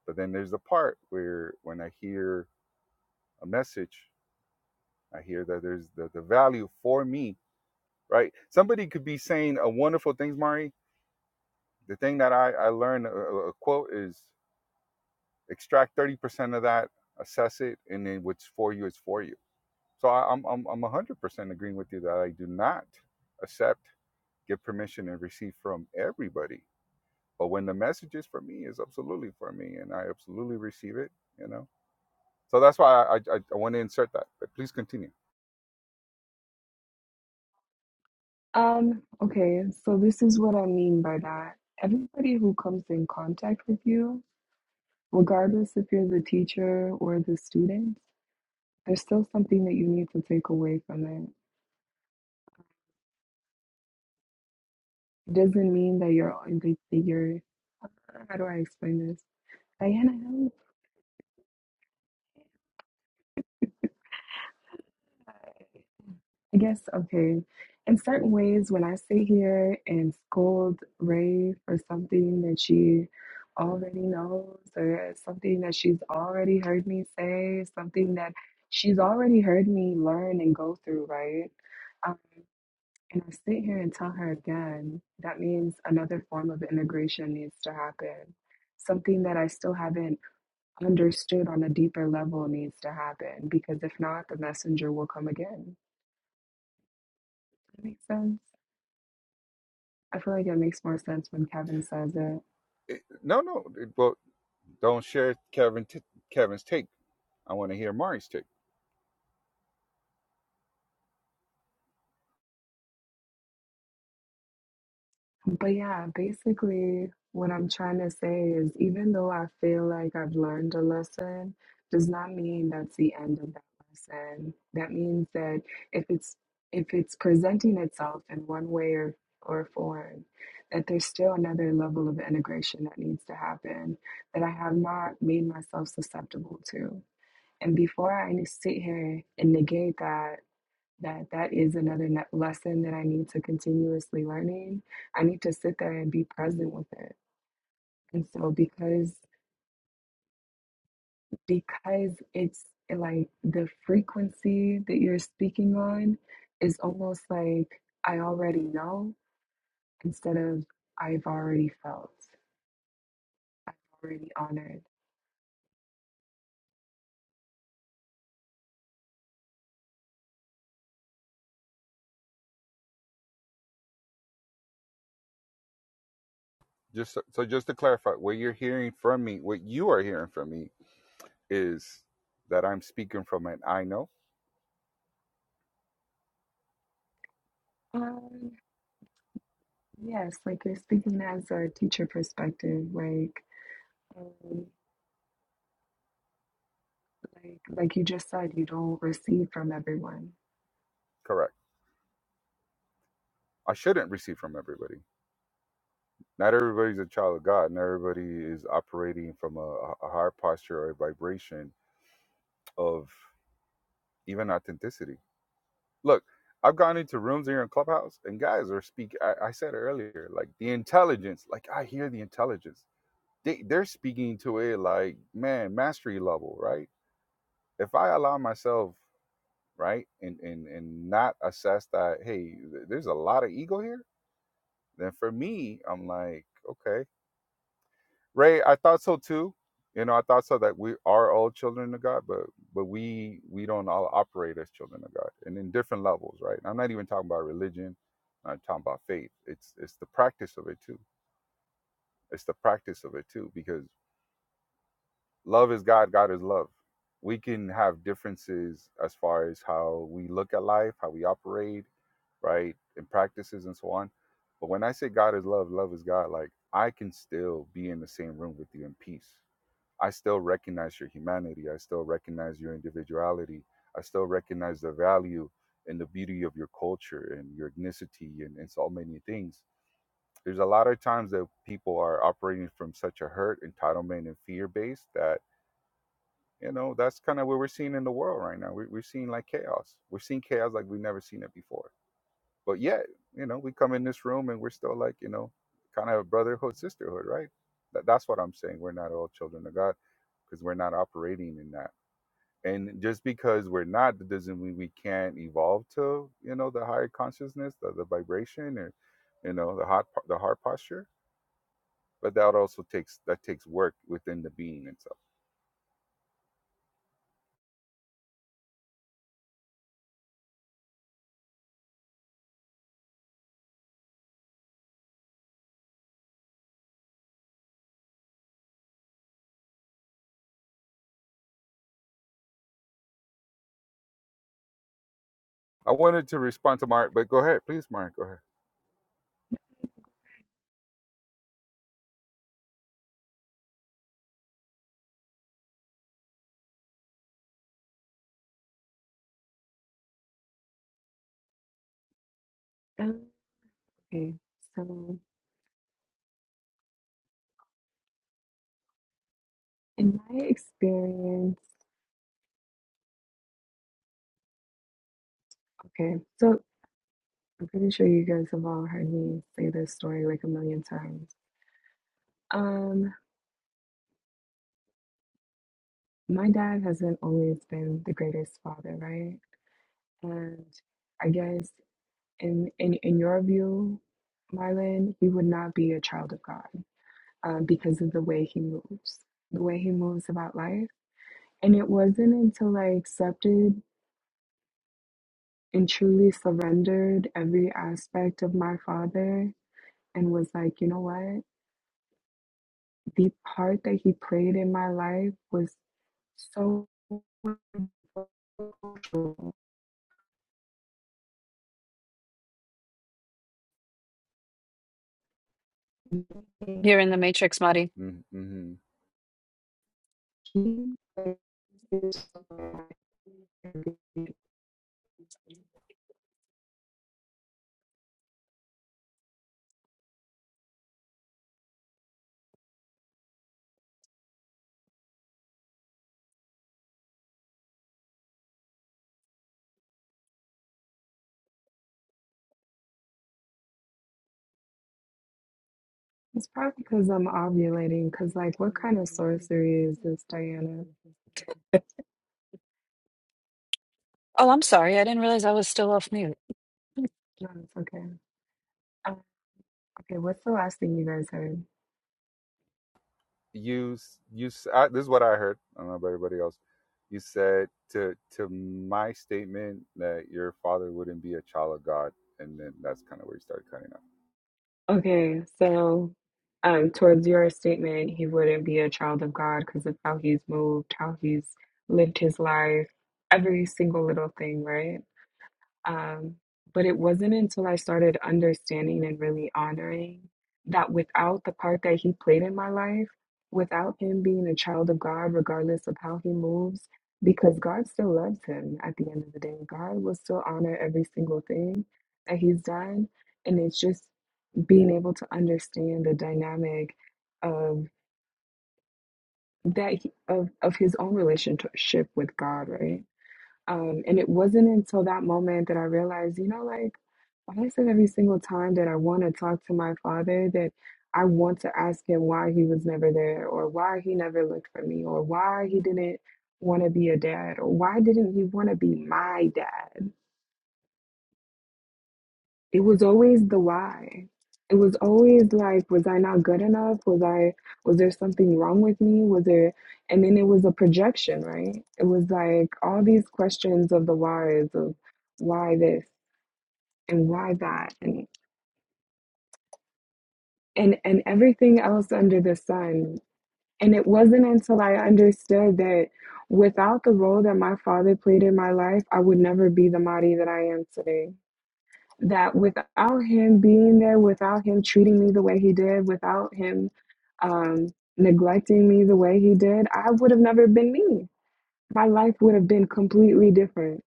G: But then there's the part where when I hear a message, I hear that there's the, the value for me right? Somebody could be saying a wonderful things, Mari. The thing that I, I learned a, a quote is extract 30% of that, assess it, and then what's for you is for you. So I, I'm, I'm, I'm 100% agreeing with you that I do not accept, give permission, and receive from everybody. But when the message is for me, is absolutely for me, and I absolutely receive it, you know? So that's why I, I, I want to insert that, but please continue.
C: Um, okay, so this is what I mean by that. Everybody who comes in contact with you, regardless if you're the teacher or the student, there's still something that you need to take away from it. It doesn't mean that you're that that you're how do I explain this? Diana help. I guess, okay, in certain ways, when I sit here and scold Ray for something that she already knows, or something that she's already heard me say, something that she's already heard me learn and go through, right? Um, and I sit here and tell her again, that means another form of integration needs to happen. Something that I still haven't understood on a deeper level needs to happen, because if not, the messenger will come again. That makes sense. I feel like it makes more sense when Kevin says it.
G: It- no, no, it, well, don't share Kevin t- Kevin's take. I want to hear Mari's take.
C: But yeah, basically, what I'm trying to say is even though I feel like I've learned a lesson, does not mean that's the end of that lesson. That means that if it's if it's presenting itself in one way or, or form, that there's still another level of integration that needs to happen that I have not made myself susceptible to. And before I sit here and negate that that that is another ne- lesson that I need to continuously learning. I need to sit there and be present with it. And so because because it's eh, like the frequency that you're speaking on is almost like I already know instead of I've already felt. I've already honored.
G: just so so just to clarify what you're hearing from me what you are hearing from me is that i'm speaking from an i know
C: Um, yes, like you're speaking as a teacher perspective, like um, like like you just said, you don't receive from everyone.
G: correct i shouldn't receive from everybody not everybody's a child of god not everybody is operating from a, a higher posture or a vibration of even authenticity look i've gone into rooms here in clubhouse and guys are speak i, I said earlier like the intelligence like i hear the intelligence they, they're speaking to it like man mastery level right if i allow myself right and and and not assess that hey th- there's a lot of ego here then for me i'm like okay ray i thought so too you know i thought so that we are all children of god but but we we don't all operate as children of god and in different levels right And i'm not even talking about religion i'm talking about faith it's it's the practice of it too it's the practice of it too because Love is God, God is love. We can have differences as far as how we look at life, how we operate, right, and practices and so on. But when I say God is love, love is God, like I can still be in the same room with you in peace. I still recognize your humanity. I still recognize your individuality. I still recognize the value and the beauty of your culture and your ethnicity and, and so many things. There's a lot of times that people are operating from such a hurt, entitlement, and fear base that you know, that's kind of what we're seeing in the world right now. We, we're seeing like chaos. We're seeing chaos like we've never seen it before. But yet, you know, we come in this room and we're still like, you know, kind of a brotherhood, sisterhood, right? That, that's what I'm saying. We're not all children of God because we're not operating in that. And just because we're not, that doesn't mean we can't evolve to, you know, the higher consciousness, the, the vibration, or, you know, the hot, the heart posture. But that also takes that takes work within the being itself. I wanted to respond to Mark, but go ahead, please, Mark. Go ahead.
C: Um, Okay, so in my experience, okay, so I'm pretty sure you guys have all heard me say this story like a million times. Um, my dad hasn't always been the greatest father, right? And I guess in in in your view, Marlon, he would not be a child of God um, because of the way he moves, the way he moves about life. And it wasn't until I accepted and truly surrendered every aspect of my father and was like, you know what? The part that he played in my life was so true.
A: You're in the Matrix, Marty.
G: Mm-hmm. Mm-hmm.
C: It's probably because I'm ovulating. Because, like, what kind of sorcery is this, Diana?
A: Oh, I'm sorry. I didn't realize I was still off mute.
C: No, it's okay. Um, okay, what's the last thing you guys heard?
G: You you s- I, this is what I heard. I don't know about everybody else. You said to to my statement that your father wouldn't be a child of God, and then that's kind of where you started cutting off.
C: Okay, so um, towards your statement, he wouldn't be a child of God because of how he's moved, how he's lived his life, every single little thing, right? Um, but it wasn't until I started understanding and really honoring that without the part that he played in my life, without him being a child of God, regardless of how he moves, because God still loves him at the end of the day, God will still honor every single thing that he's done. And it's just being able to understand the dynamic of that he, of of his own relationship with God, right? Um, and it wasn't until that moment that I realized, you know, like, why is it every single time that I want to talk to my father that I want to ask him why he was never there or why he never looked for me or why he didn't want to be a dad or why didn't he want to be my dad? It was always the why. It was always like, was I not good enough? Was I, was there something wrong with me? Was there, and then it was a projection, right? It was like all these questions of the whys of why this and why that and, and, and everything else under the sun. And it wasn't until I understood that without the role that my father played in my life, I would never be the Mari that I am today that without him being there, without him treating me the way he did, without him um, neglecting me the way he did, I would have never been me. My life would have been completely different.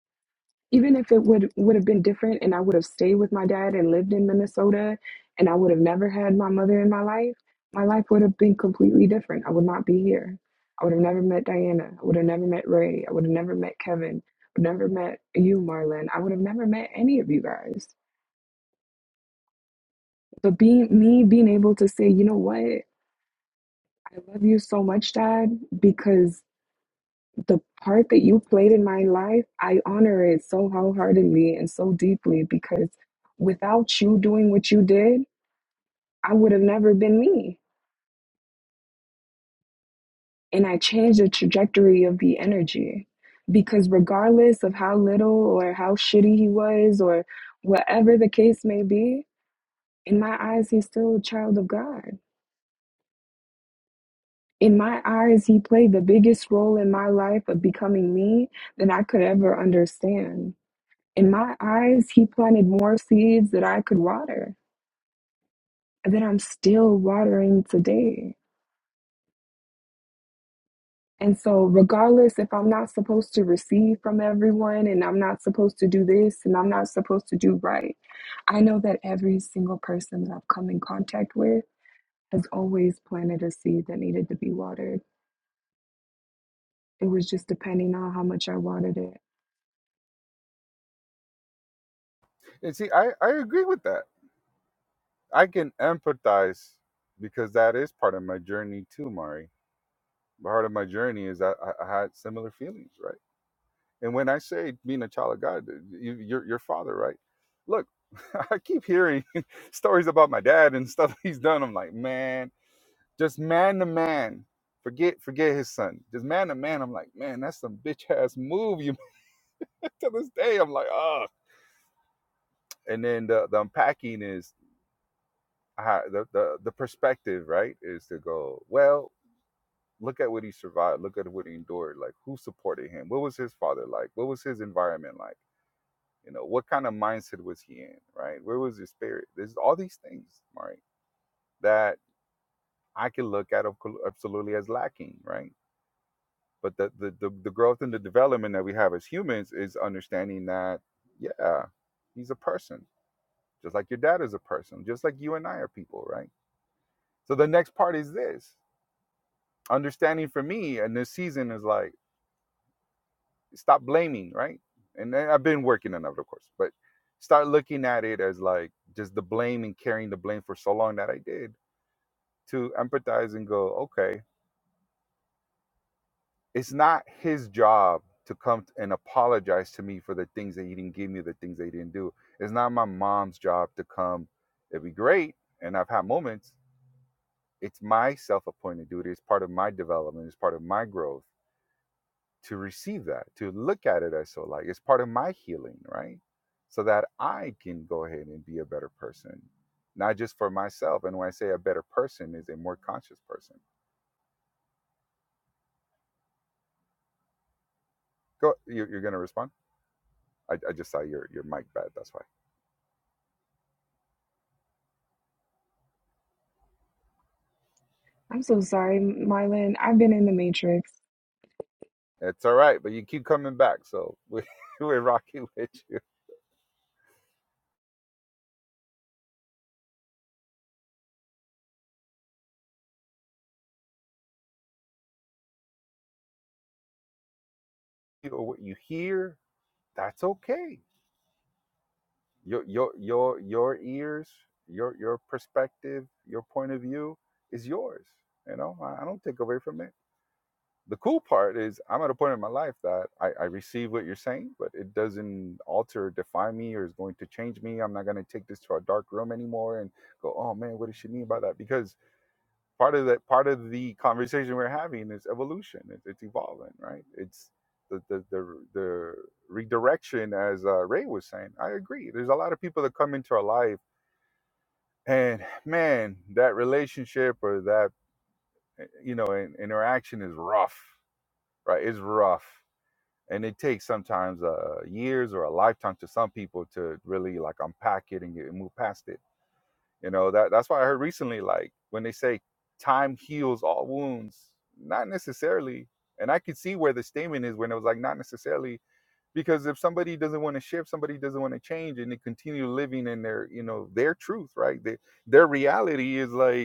C: Even if it would would have been different, and I would have stayed with my dad and lived in Minnesota, and I would have never had my mother in my life, my life would have been completely different. I would not be here. I would have never met Diana. I would have never met Ray. I would have never met Kevin. I would have never met you, Marlon. I would have never met any of you guys But being me being able to say, you know what, I love you so much, Dad, because the part that you played in my life, I honor it so wholeheartedly and so deeply because without you doing what you did, I would have never been me. And I changed the trajectory of the energy because regardless of how little or how shitty he was or whatever the case may be, in my eyes, he's still a child of God In my eyes, he played the biggest role in my life of becoming me than I could ever understand. In my eyes, he planted more seeds that I could water, and that I'm still watering today. And so, regardless if I'm not supposed to receive from everyone, and I'm not supposed to do this, and I'm not supposed to do right, I know that every single person that I've come in contact with has always planted a seed that needed to be watered. It was just depending on how much I watered it.
G: And see, I I agree with that. I can empathize because that is part of my journey too, Mari. Part of my journey is I, I I had similar feelings, right? And when I say being a child of God, you, your your father, right? Look, I keep hearing stories about my dad and stuff he's done. I'm like, man Just man to man. Forget forget his son. Just man to man. I'm like, man, that's some bitch ass move you to this day. I'm like, oh. And then the, the unpacking is how the, the the perspective, right? Is to go, well, look at what he survived, look at what he endured, like who supported him? What was his father like? What was his environment like? You know, what kind of mindset was he in, right? Where was his spirit? There's all these things, right? That I can look at absolutely as lacking, right? but the, the the the growth and the development that we have as humans is understanding that yeah he's a person just like your dad is a person just like you and i are people right so the next part is this understanding for me and this season is like stop blaming right and i've been working on it of course but start looking at it as like just the blame and carrying the blame for so long that i did to empathize and go okay it's not his job to come and apologize to me for the things that he didn't give me, the things that he didn't do. It's not my mom's job to come. It'd be great, and I've had moments. It's my self-appointed duty. It's part of my development. It's part of my growth to receive that, to look at it as so like it's part of my healing, right? So that I can go ahead and be a better person, not just for myself. And when I say a better person, is a more conscious person. Go, you, you're going to respond. I, I just saw your your mic bad. That's why.
C: I'm so sorry, Marlon. I've been in the Matrix.
G: It's all right, but you keep coming back, so we, we're rocking with you. Or what you hear, that's okay. Your your your your ears, your your perspective, your point of view is yours. You know, I, I don't take away from it. the cool part is I'm at a point in my life that I, I receive what you're saying, but it doesn't alter or define me or is going to change me. I'm not going to take this to a dark room anymore and go, oh man, what does she mean by that? Because part of that, part of the conversation we're having is evolution. It's, it's evolving, right? It's the the the, the redirection, as uh, Ray was saying. I agree. There's a lot of people that come into our life, and man, that relationship or that eh, you know interaction is rough, right? It's rough and it takes sometimes uh, years or a lifetime to some people to really like unpack it and, get, and move past it. You know that that's why I heard recently like when they say time heals all wounds, not necessarily. And I could see where the statement is when it was like not necessarily because if somebody doesn't want to shift, somebody doesn't want to change, and they continue living in their you know their truth, right? Their their reality is like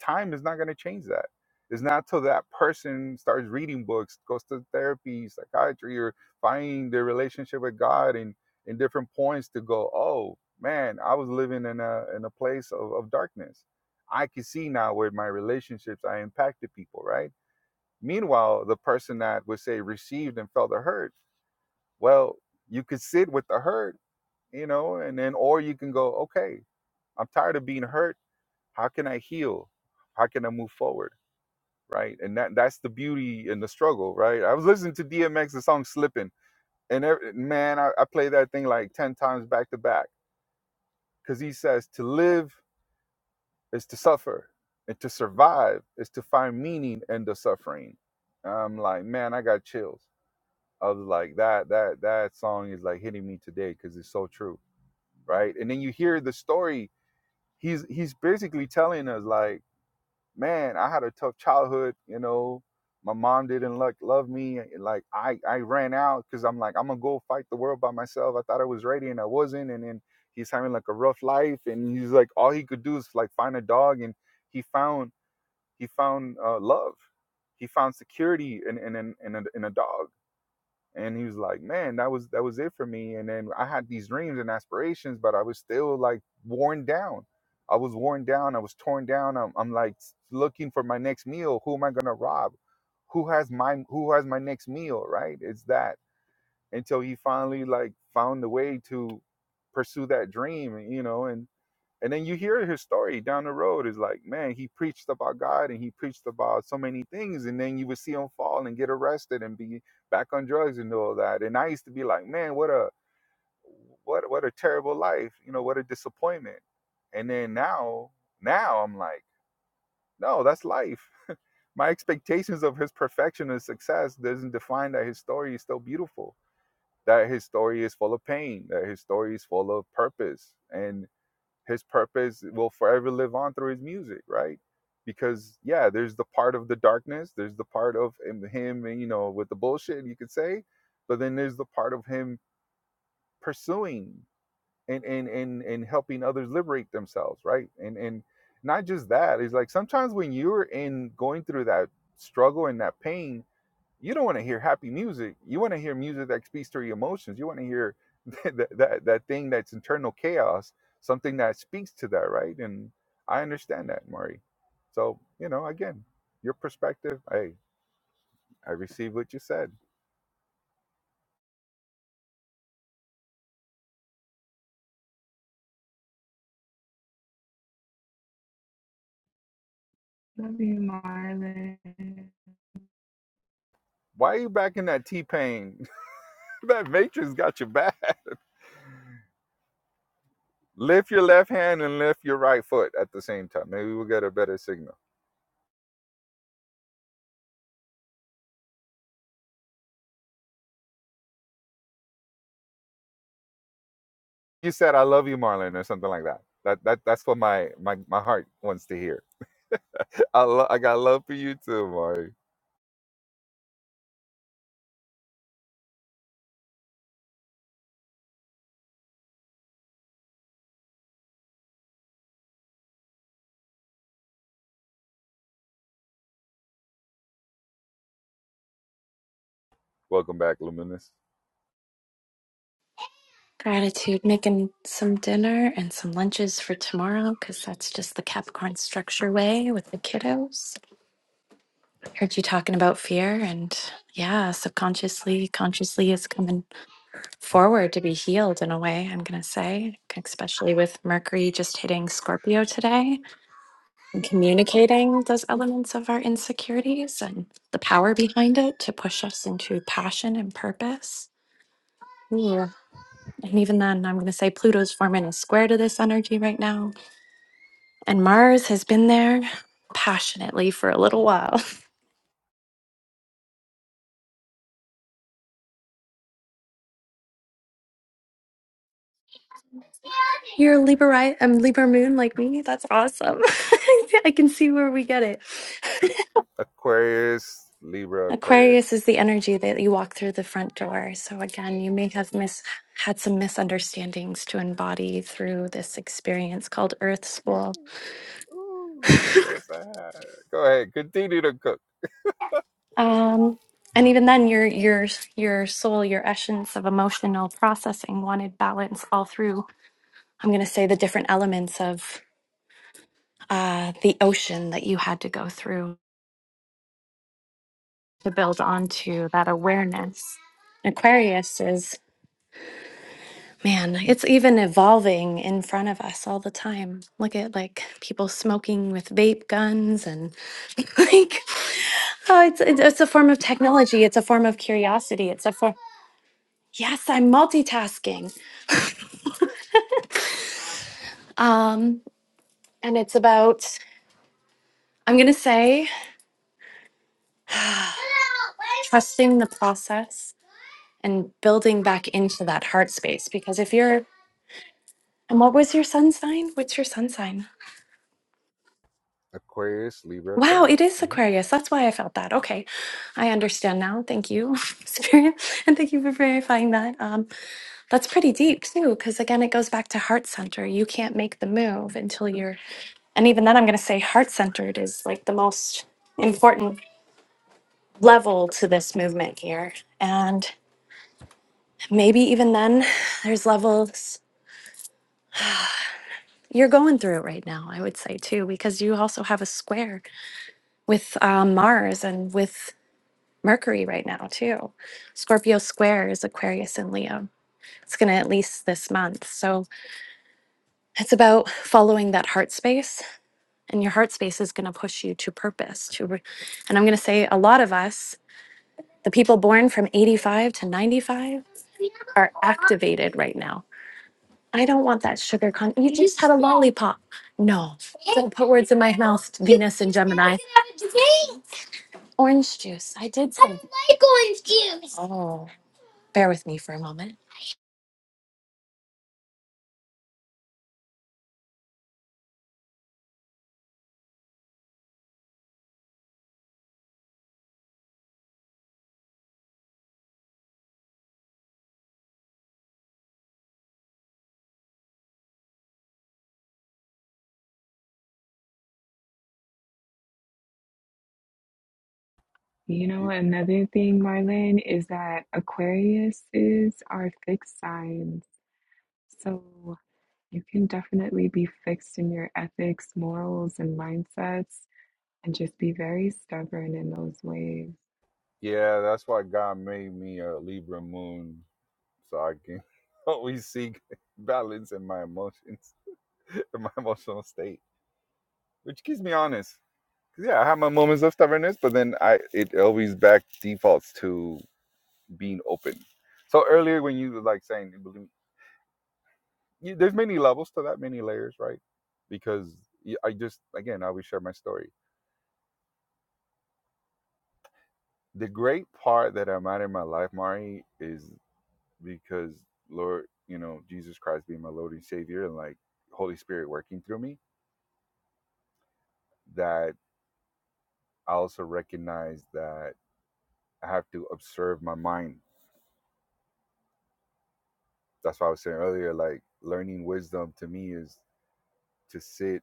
G: time is not going to change that. It's not till that person starts reading books, goes to therapy, psychiatry, or finding their relationship with God and in different points to go, oh man, I was living in a in a place of, of darkness. I can see now with my relationships I impacted people, right? Meanwhile, the person that would say received and felt the hurt, well, you could sit with the hurt, you know, and then or you can go, okay, I'm tired of being hurt. How can I heal? How can I move forward? right? And that that's the beauty and the struggle, right? I was listening to DMX the song "Slippin," and every, man, I, I play that thing like ten times back to back because he says to live is to suffer, and to survive is to find meaning in the suffering. And I'm like, man, I got chills. I was like, that that that song is like hitting me today because it's so true, right? And then you hear the story. He's he's basically telling us like man, I had a tough childhood. You know, my mom didn't like love me. and, Like I, I ran out because I'm like, I'm gonna go fight the world by myself. I thought I was ready and I wasn't. And then he's having like a rough life, and he's like, all he could do is like find a dog, and he found he found uh, love. He found security in in in in a, in a dog and he was like man that was that was it for me and then i had these dreams and aspirations but i was still like worn down i was worn down i was torn down i'm, I'm like looking for my next meal who am i going to rob who has my who has my next meal right it's that until he finally like found the way to pursue that dream you know and and then you hear his story down the road It's like, man, he preached about God and he preached about so many things. And then you would see him fall and get arrested and be back on drugs and all that. And I used to be like, man, what a what what a terrible life. You know, what a disappointment. And then now, now I'm like, no, that's life. My expectations of his perfection and success doesn't define that his story is still beautiful. That his story is full of pain, that his story is full of purpose. And his purpose will forever live on through his music, right? Because yeah, there's the part of the darkness, there's the part of him, and you know, with the bullshit you could say, but then there's the part of him pursuing and and and and helping others liberate themselves, right? And and not just that, it's like sometimes when you're in going through that struggle and that pain, you don't want to hear happy music. You want to hear music that speaks to your emotions. You want to hear that, that that thing that's internal chaos, something that speaks to that, right? And I understand that, Mari. So you know, again, your perspective. Hey, I received what you said.
C: Love you, Marlon.
G: Why are you back in that T pain? that matrix got you back. lift your left hand and lift your right foot at the same time. Maybe we'll get a better signal. You said "I love you, Marlon" or something like that. That that that's what my my my heart wants to hear I lo- I got love for you too, Mari. Welcome back, Luminous.
H: Gratitude, making some dinner and some lunches for tomorrow because that's just the Capricorn structure way with the kiddos. heard you talking about fear and yeah subconsciously consciously is coming forward to be healed in a way i'm going to say especially with mercury just hitting scorpio today and communicating those elements of our insecurities and the power behind it to push us into passion and purpose Ooh. and even then i'm going to say pluto's forming a square to this energy right now and mars has been there passionately for a little
G: Mm.
H: while You're a Libra, right? Libra moon like me. That's awesome. I can see where we get it.
G: Aquarius, Libra, Aquarius.
H: Aquarius is the energy that you walk through the front door. So again, you may have mis- had some misunderstandings to embody through this experience called Earth
G: Mm,
H: School.
G: Ooh, yes, I have. Go ahead, continue to cook.
H: Um, and even then, your your your soul, your essence of emotional processing wanted balance all through. I'm going to say the different elements of uh, the ocean that you had to go through to build onto that awareness. Aquarius is, man, it's even evolving in front of us all the time. Look at like people smoking with vape guns and like, oh, it's, it's it's a form of technology. It's a form of curiosity. It's a form, yes, I'm multitasking. Um, and it's about, I'm going to say, trusting the process and building back into that heart space. Because if you're, and what was your sun sign? What's your sun sign?
G: Aquarius, Libra,
H: Wow, it
G: Aquarius.
H: is
G: hmm
H: Aquarius. That's why I felt that. Okay. I understand now. Thank you, Spirit. And thank you for verifying that. Um, that's pretty deep, too, because again, it goes back to heart center. You can't make the move until you're, and even then, I'm going to say heart centered is like the most important level to this movement here. And maybe even then, there's levels you're going through right now, I would say, too, because you also have a square with um, Mars and with. Mercury right now, too. Scorpio squares Aquarius and Leo. It's going to at least this month. So it's about following that heart space, and your heart space is going to push you to purpose. To, re- and I'm going to say a lot of us, the people born from 85 to 95, are activated right now. I don't want that sugar con. You just had a lollipop. No, don't put words in my mouth, Venus and Gemini. Orange juice. I did say. I like orange juice. Oh. Bear with me for a moment.
C: You know,
G: Y-
C: another thing, Marlon, is that Aquarius is our fixed signs. So you can definitely be fixed in your ethics, morals, and mindsets, and just be very stubborn in those ways.
G: Yeah, that's why God made me a Libra moon, so I can always seek balance in my emotions, in my emotional state, which keeps me honest. 'Cause, Yeah, I have my moments of stubbornness, but then I it always back defaults to being open. So earlier when you were like saying you believe, you, there's many levels to that, many layers, right? Because you- I just again I will share my story. The great part that I'm at in my life, Mari, is because Lord, you know, Jesus Christ being my Lord and Savior, and like Holy Spirit working through me, that I also recognize that I have to observe my mind. That's why I was saying earlier, like learning wisdom to me is to sit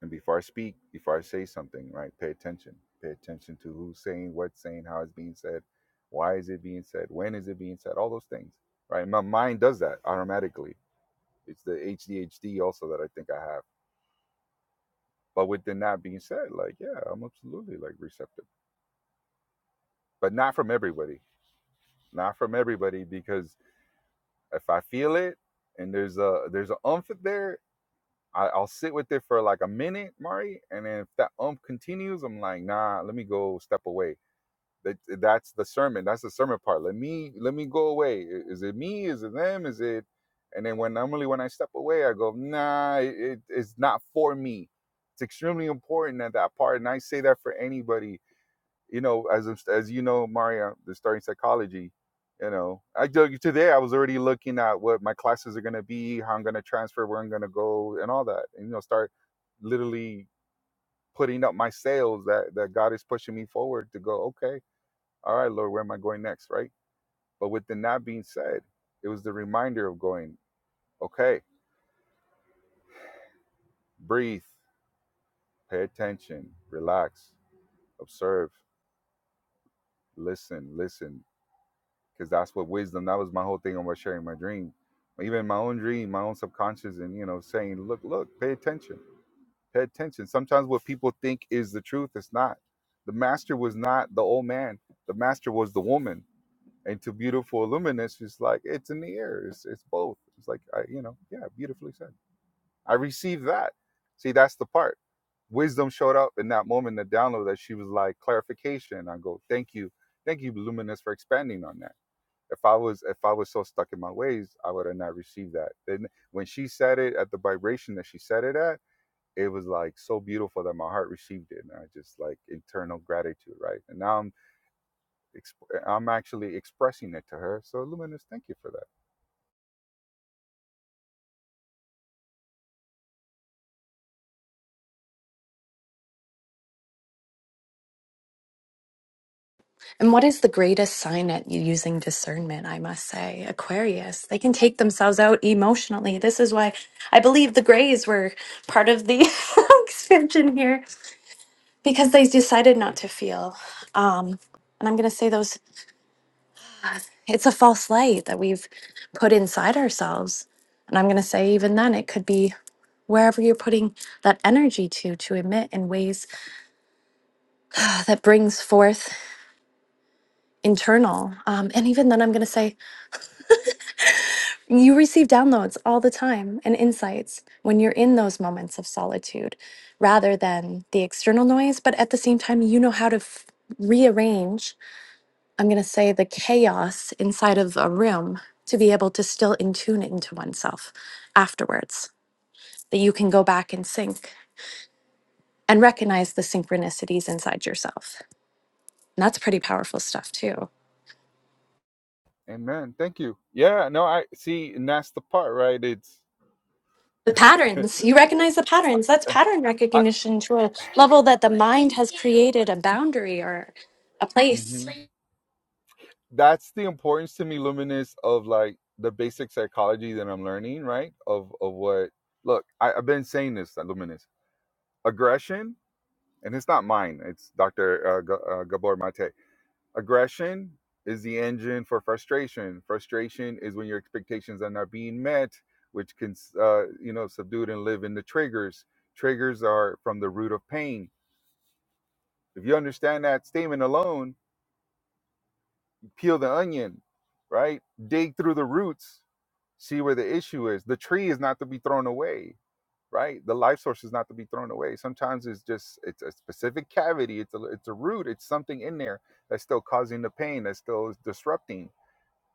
G: And before I speak, before I say something, right, pay attention. Pay attention to who's saying, what's saying, how it's being said, why is it being said, when is it being said, all those things, right? My mind does that automatically. It's the HDHD also that I think I have. But within that being said, like, yeah, I'm absolutely like receptive, but not from everybody, not from everybody, because if I feel it and there's a there's an umph there, I, I'll sit with it for like a minute, Mari, and then if that umph continues, I'm like, nah, let me go step away That that's the sermon. That's the sermon part. Let me let me go away. Is it me? Is it them? Is it? And then when normally when I step away, I go, nah, it, it's not for me. It's extremely important at that part, and I say that for anybody. You know, as as you know, Maria, the starting psychology. You know, I today I was already looking at what my classes are gonna be, how I'm gonna transfer, where I'm gonna go, and all that, and you know, start literally putting up my sails that that God is pushing me forward to go. Okay, all right, Lord, where am I going next? Right? But with the not being said, it was the reminder of going, okay, breathe, pay attention, relax, observe, listen, listen, because that's what wisdom, that was my whole thing about sharing my dream. Even my own dream, my own subconscious, and you know, saying, look, look, pay attention, pay attention. Sometimes what people think is the truth, it's not. The master was not the old man, the master was the woman and to beautiful luminous it's like it's in the air it's, it's both it's like i you know yeah beautifully said i received that see that's the part wisdom showed up in that moment the download that she was like clarification i go thank you thank you luminous for expanding on that if i was if i was so stuck in my ways i would have not received that then when she said it at the vibration that she said it at it was like so beautiful that my heart received it and i just like internal gratitude right and now i'm exp- I'm actually expressing it to her. So luminous, thank you for that.
H: And what is the greatest sign at you using discernment? I must say, Aquarius. They can take themselves out emotionally. This is why I believe the Greys were part of the expansion here because they decided not to feel. Um, and I'm going to say those. It's a false light that we've put inside ourselves. And I'm going to say, even then, it could be wherever you're putting that energy to to emit in ways that brings forth internal. Um, and even then, I'm going to say You receive downloads all the time and insights when you're in those moments of solitude rather than the external noise. But at the same time, you know how to f- rearrange, I'm going to say, the chaos inside of a room to be able to still in tune into oneself afterwards, that you can go back and sync and recognize the synchronicities inside yourself. And that's pretty powerful stuff, too.
G: Amen. Thank you. Yeah, no, I see, and that's the part, right? It's
H: the patterns you recognize the patterns that's
G: eh,
H: pattern
G: I
H: recognition to a level that the mind has created a boundary or a place
G: hmm that's the importance to me, luminous, of like the basic psychology that I'm learning, right? Of of what look, I, I've been saying this, luminous. Aggression, and it's not mine, it's Dr. Uh, G- uh, Gabor Mate Aggression is the engine for frustration. Frustration is when your expectations are not being met, which can, uh, you know, subdue and live in the triggers. Triggers are from the root of pain. If you understand that statement alone, peel the onion, right? Dig through the roots, see where the issue is. The tree is not to be thrown away, right? The life source is not to be thrown away. Sometimes it's just it's a specific cavity, it's a it's a root, it's something in there that's still causing the pain, that's still disrupting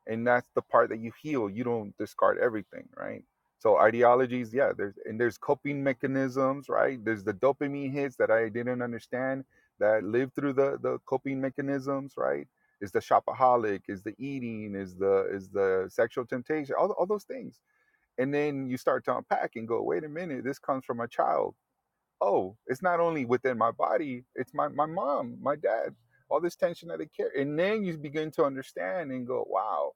G: and that's the part that you heal you don't discard everything right so ideologies yeah there's and there's coping mechanisms right there's the dopamine hits that i didn't understand that lived through the the coping mechanisms right is the shopaholic is the eating is the is the sexual temptation all, all those things and then you start to unpack and go wait a minute this comes from a child oh it's not only within my body it's my my mom my dad all this tension that they carry and then you begin to understand and go wow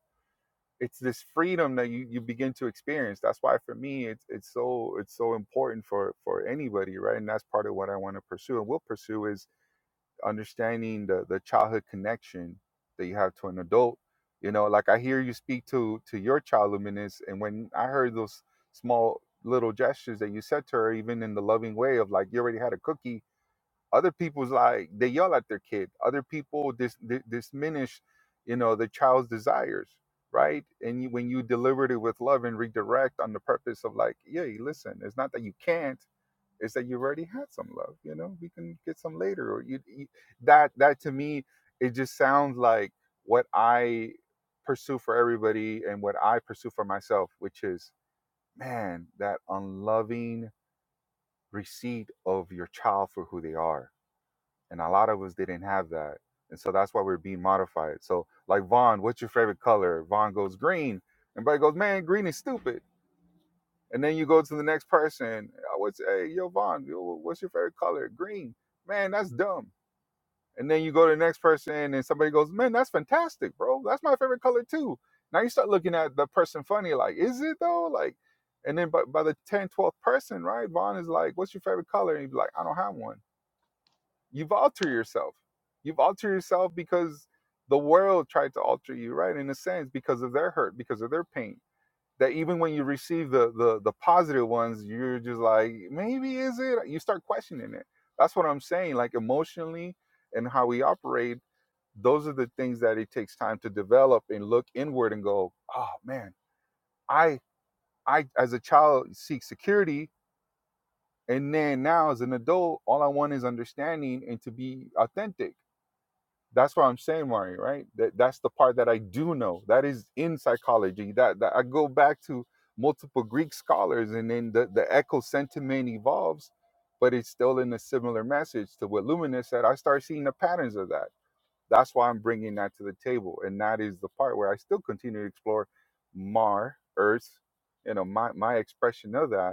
G: it's this freedom that you, you begin to experience that's why for me it's it's so it's so important for for anybody right and that's part of what i want to pursue and will pursue is understanding the the childhood connection that you have to an adult you know like i hear you speak to to your child luminous and when i heard those small little gestures that you said to her even in the loving way of like you already had a cookie other people's like they yell at their kid other people dis, di- diminish you know the child's desires right and you, when you deliver it with love and redirect on the purpose of like yeah you listen it's not that you can't it's that you've already had some love you know we can get some later or you, you that that to me it just sounds like what i pursue for everybody and what i pursue for myself which is man that unloving receipt of your child for who they are and a lot of us didn't have that and so that's why we're being modified so like vaughn what's your favorite color vaughn goes green everybody goes man green is stupid and then you go to the next person i would say hey yo vaughn yo, what's your favorite color green man that's dumb and then you go to the next person and somebody goes man that's fantastic bro that's my favorite color too now you start looking at the person funny like is it though like and then by, by the 10 12th person right vaughn is like what's your favorite color and he'd be like i don't have one you've altered yourself. You've altered yourself because the world tried to alter you, right? In a sense, because of their hurt, because of their pain. That even when you receive the the the positive ones, you're just like, maybe is it? You start questioning it. That's what I'm saying. Like emotionally and how we operate, those are the things that it takes time to develop and look inward and go, oh man, I I as a child seek security. And then now as an adult, all I want is understanding and to be authentic That's what I'm saying, Mario, right? That, that's the part that I do know. That is in psychology. That, that I go back to multiple Greek scholars and then the, the echo sentiment evolves, but it's still in a similar message to what Luminous said. I start seeing the patterns of that. That's why I'm bringing that to the table. And that is the part where I still continue to explore Mar, Earth, you know, my, my expression of that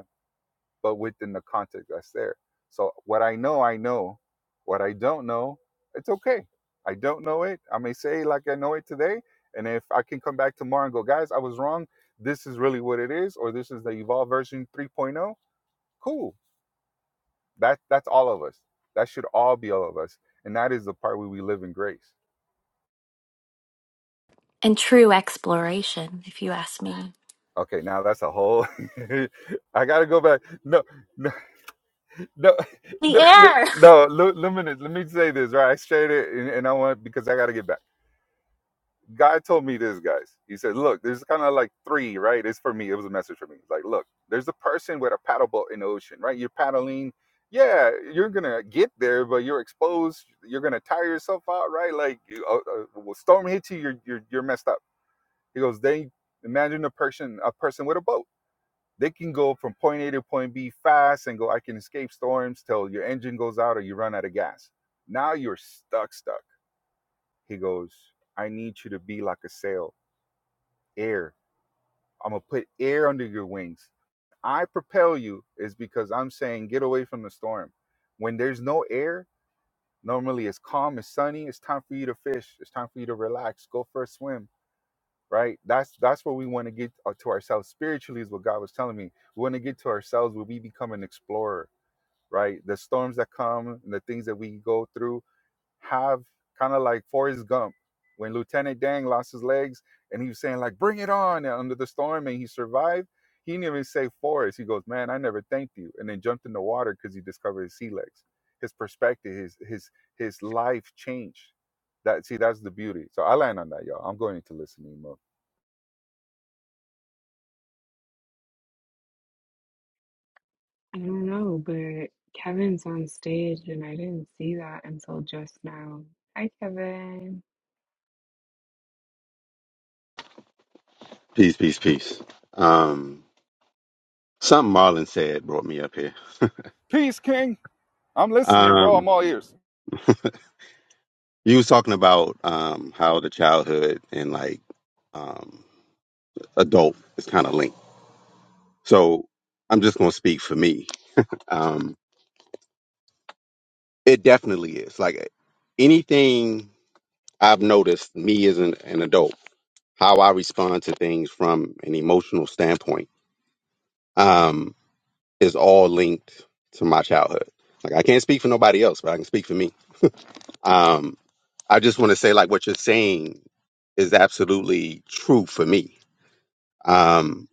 G: but within the context that's there. So what I know, I know. What I don't know, it's okay. I don't know it. I may say like I know it today, and if I can come back tomorrow and go, guys, I was wrong. This is really what it is, or this is the evolved version 3.0. Cool. That that's all of us. That should all be all of us, and that is the part where we live in grace.
H: and true exploration, if you ask me.
G: Okay, now that's a whole. I gotta go back. No, no, no, no,
H: the
G: Let
H: air
G: no, let, let me let me say this right. I straight it, and, and I want because I gotta get back. guy told me this, guys. He said, "Look, there's kind of like three, right? It's for me. It was a message for me. Like, look, there's a person with a paddle boat in the ocean, right? You're paddling. Yeah, you're gonna get there, but you're exposed. You're gonna tire yourself out, right? Like, you- a, a a storm hits you, you're you're you're messed up." He goes, "They imagine a person a person with a boat. They can go from point A to point B fast and go. I can escape storms till your engine goes out or you run out of gas. Now you're stuck, stuck." He goes, "I need you to be like a sail." air I'm gonna put air under your wings. I propel you is because I'm saying get away from the storm. When there's no air, normally it's calm, it's sunny, it's time for you to fish, it's time for you to relax, go for a swim, right? That's that's what we want to get uh, to ourselves spiritually is what God was telling me. We want to get to ourselves where we become an explorer, right? The storms that come and the things that we go through have kind of like Forrest Gump when Lieutenant Dang lost his legs and he was saying like bring it on under the storm and he survived. He didn't even say Forrest. He goes, man, I never thanked you, and then jumped in the water because he discovered his sea legs. His perspective, his his his life changed. That see, that's the beauty. So I land on that, y'all. I'm going into listening mode.
C: I don't know, but Kevin's on stage, and I didn't see that until just now. Hi, Kevin.
I: Peace, peace, peace. Um, something Marlon said brought me up here.
G: Peace, King. I'm listening, bro.
I: Um,
G: I'm all ears.
I: you was talking about um how the childhood and like um adult is kind of linked. So I'm just gonna speak for me. Um, it definitely is. Like anything I've noticed, me as an, an adult, how I respond to things from an emotional standpoint, um, is all linked to my childhood. Like I can't speak for nobody else, but I can speak for me Um, I just want to say, like, what you're saying is absolutely true for me. Um,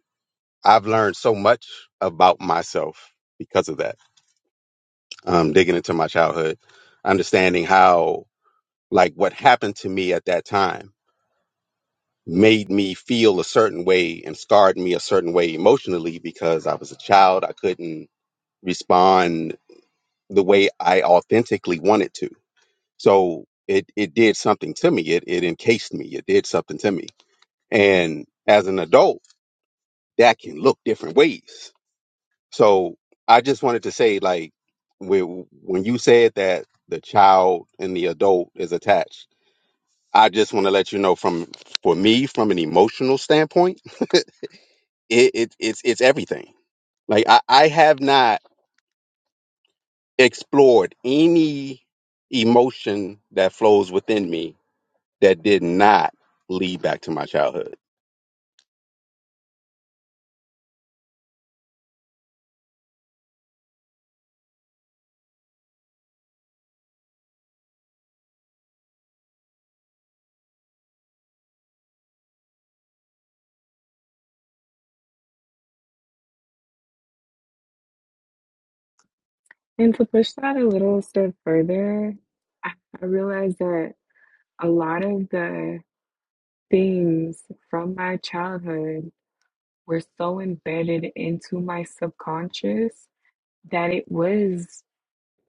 I: I've learned so much about myself because of that. Um, digging into my childhood, understanding how, like, what happened to me at that time made me feel a certain way and scarred me a certain way emotionally because I was a child. I couldn't respond the way I authentically wanted to. So it, it did something to me. It, it encased me. It did something to me And as an adult, that can look different ways. So I just wanted to say, like, when when you said that the child and the adult is attached, I just want to let you know from for me, from an emotional standpoint, it, it it's it's everything. Like I, I have not explored any emotion that flows within me that did not lead back to my childhood.
C: And to push that a little step further, I I realized that a lot of the things from my childhood were so embedded into my subconscious that it was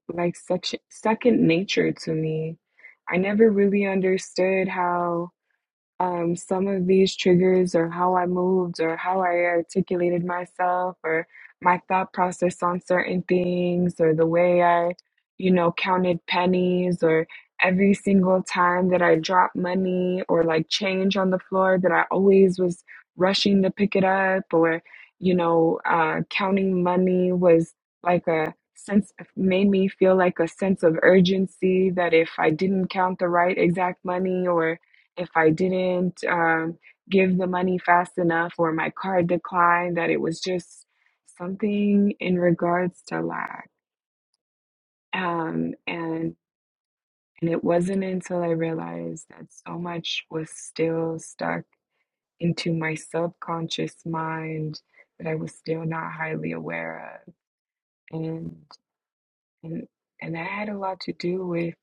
C: like such second nature to me. I never really understood how. Um, some of these triggers or how I moved or how I articulated myself or my thought process on certain things or the way I, you know, counted pennies or every single time that I dropped money or like change on the floor that I always was rushing to pick it up or, you know, uh, counting money was like a sense made me feel like a sense of urgency that if I didn't count the right exact money or if I didn't um, give the money fast enough or my card declined, that it was just something in regards to lack. Um, and and it wasn't until I realized that so much was still stuck into my subconscious mind that I was still not highly aware of, and and and that had a lot to do with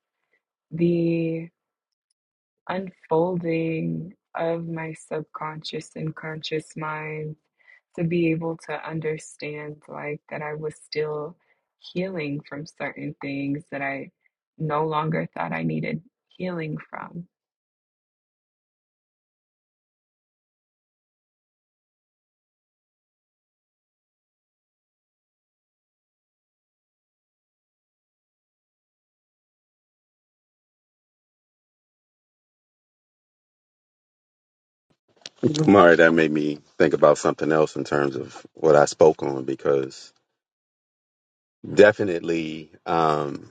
C: the unfolding of my subconscious and conscious mind to be able to understand like that I was still healing from certain things that I no longer thought I needed healing from.
I: Mari, that made me think about something else in terms of what I spoke on because definitely um,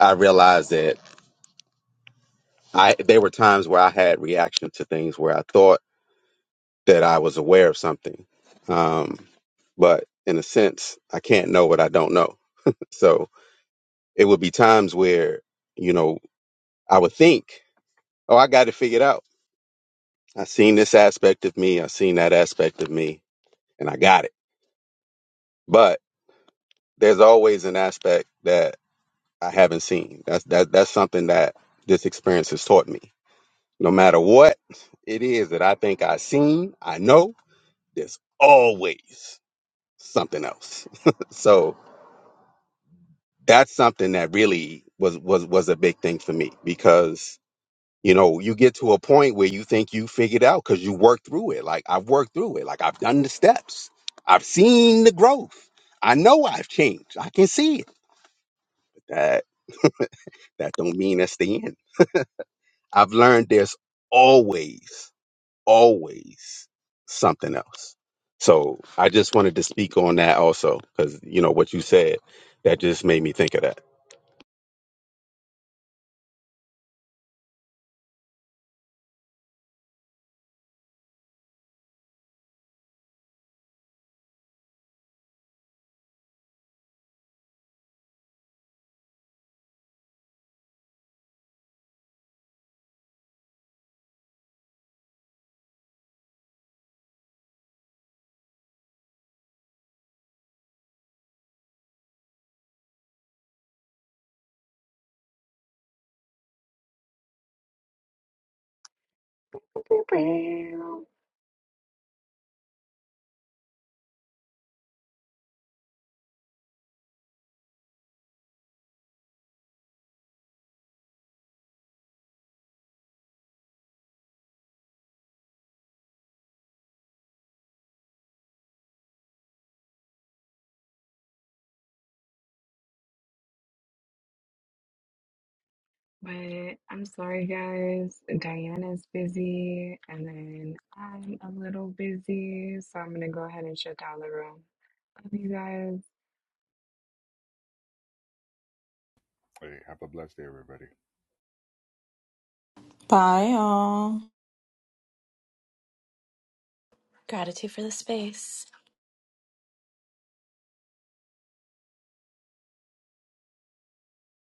I: I realized that I there were times where I had reactions to things where I thought that I was aware of something, um, but in a sense, I can't know what I don't know. So it would be times where you know I would think, "Oh, I got it figured out. I seen this aspect of me. I seen that aspect of me, and I got it." But there's always an aspect that I haven't seen. That's that that's something that this experience has taught me. No matter what it is that I think I've seen, I know there's always something else. so that's something that really was was was a big thing for me because you know you get to a point where you think you figured out because you worked through it. Like I've worked through it. Like I've done the steps. I've seen the growth. I know I've changed. I can see it. That that don't mean that's the end. I've learned there's always, always something else. So I just wanted to speak on that also, because you know what you said, that just made me think of that.
C: But I'm sorry, guys. Diana's busy, and then I'm a little busy, so I'm gonna go ahead and shut down the room. Love you guys.
G: Hey, have a blessed day, everybody.
F: Bye, y'all.
H: gratitude for the space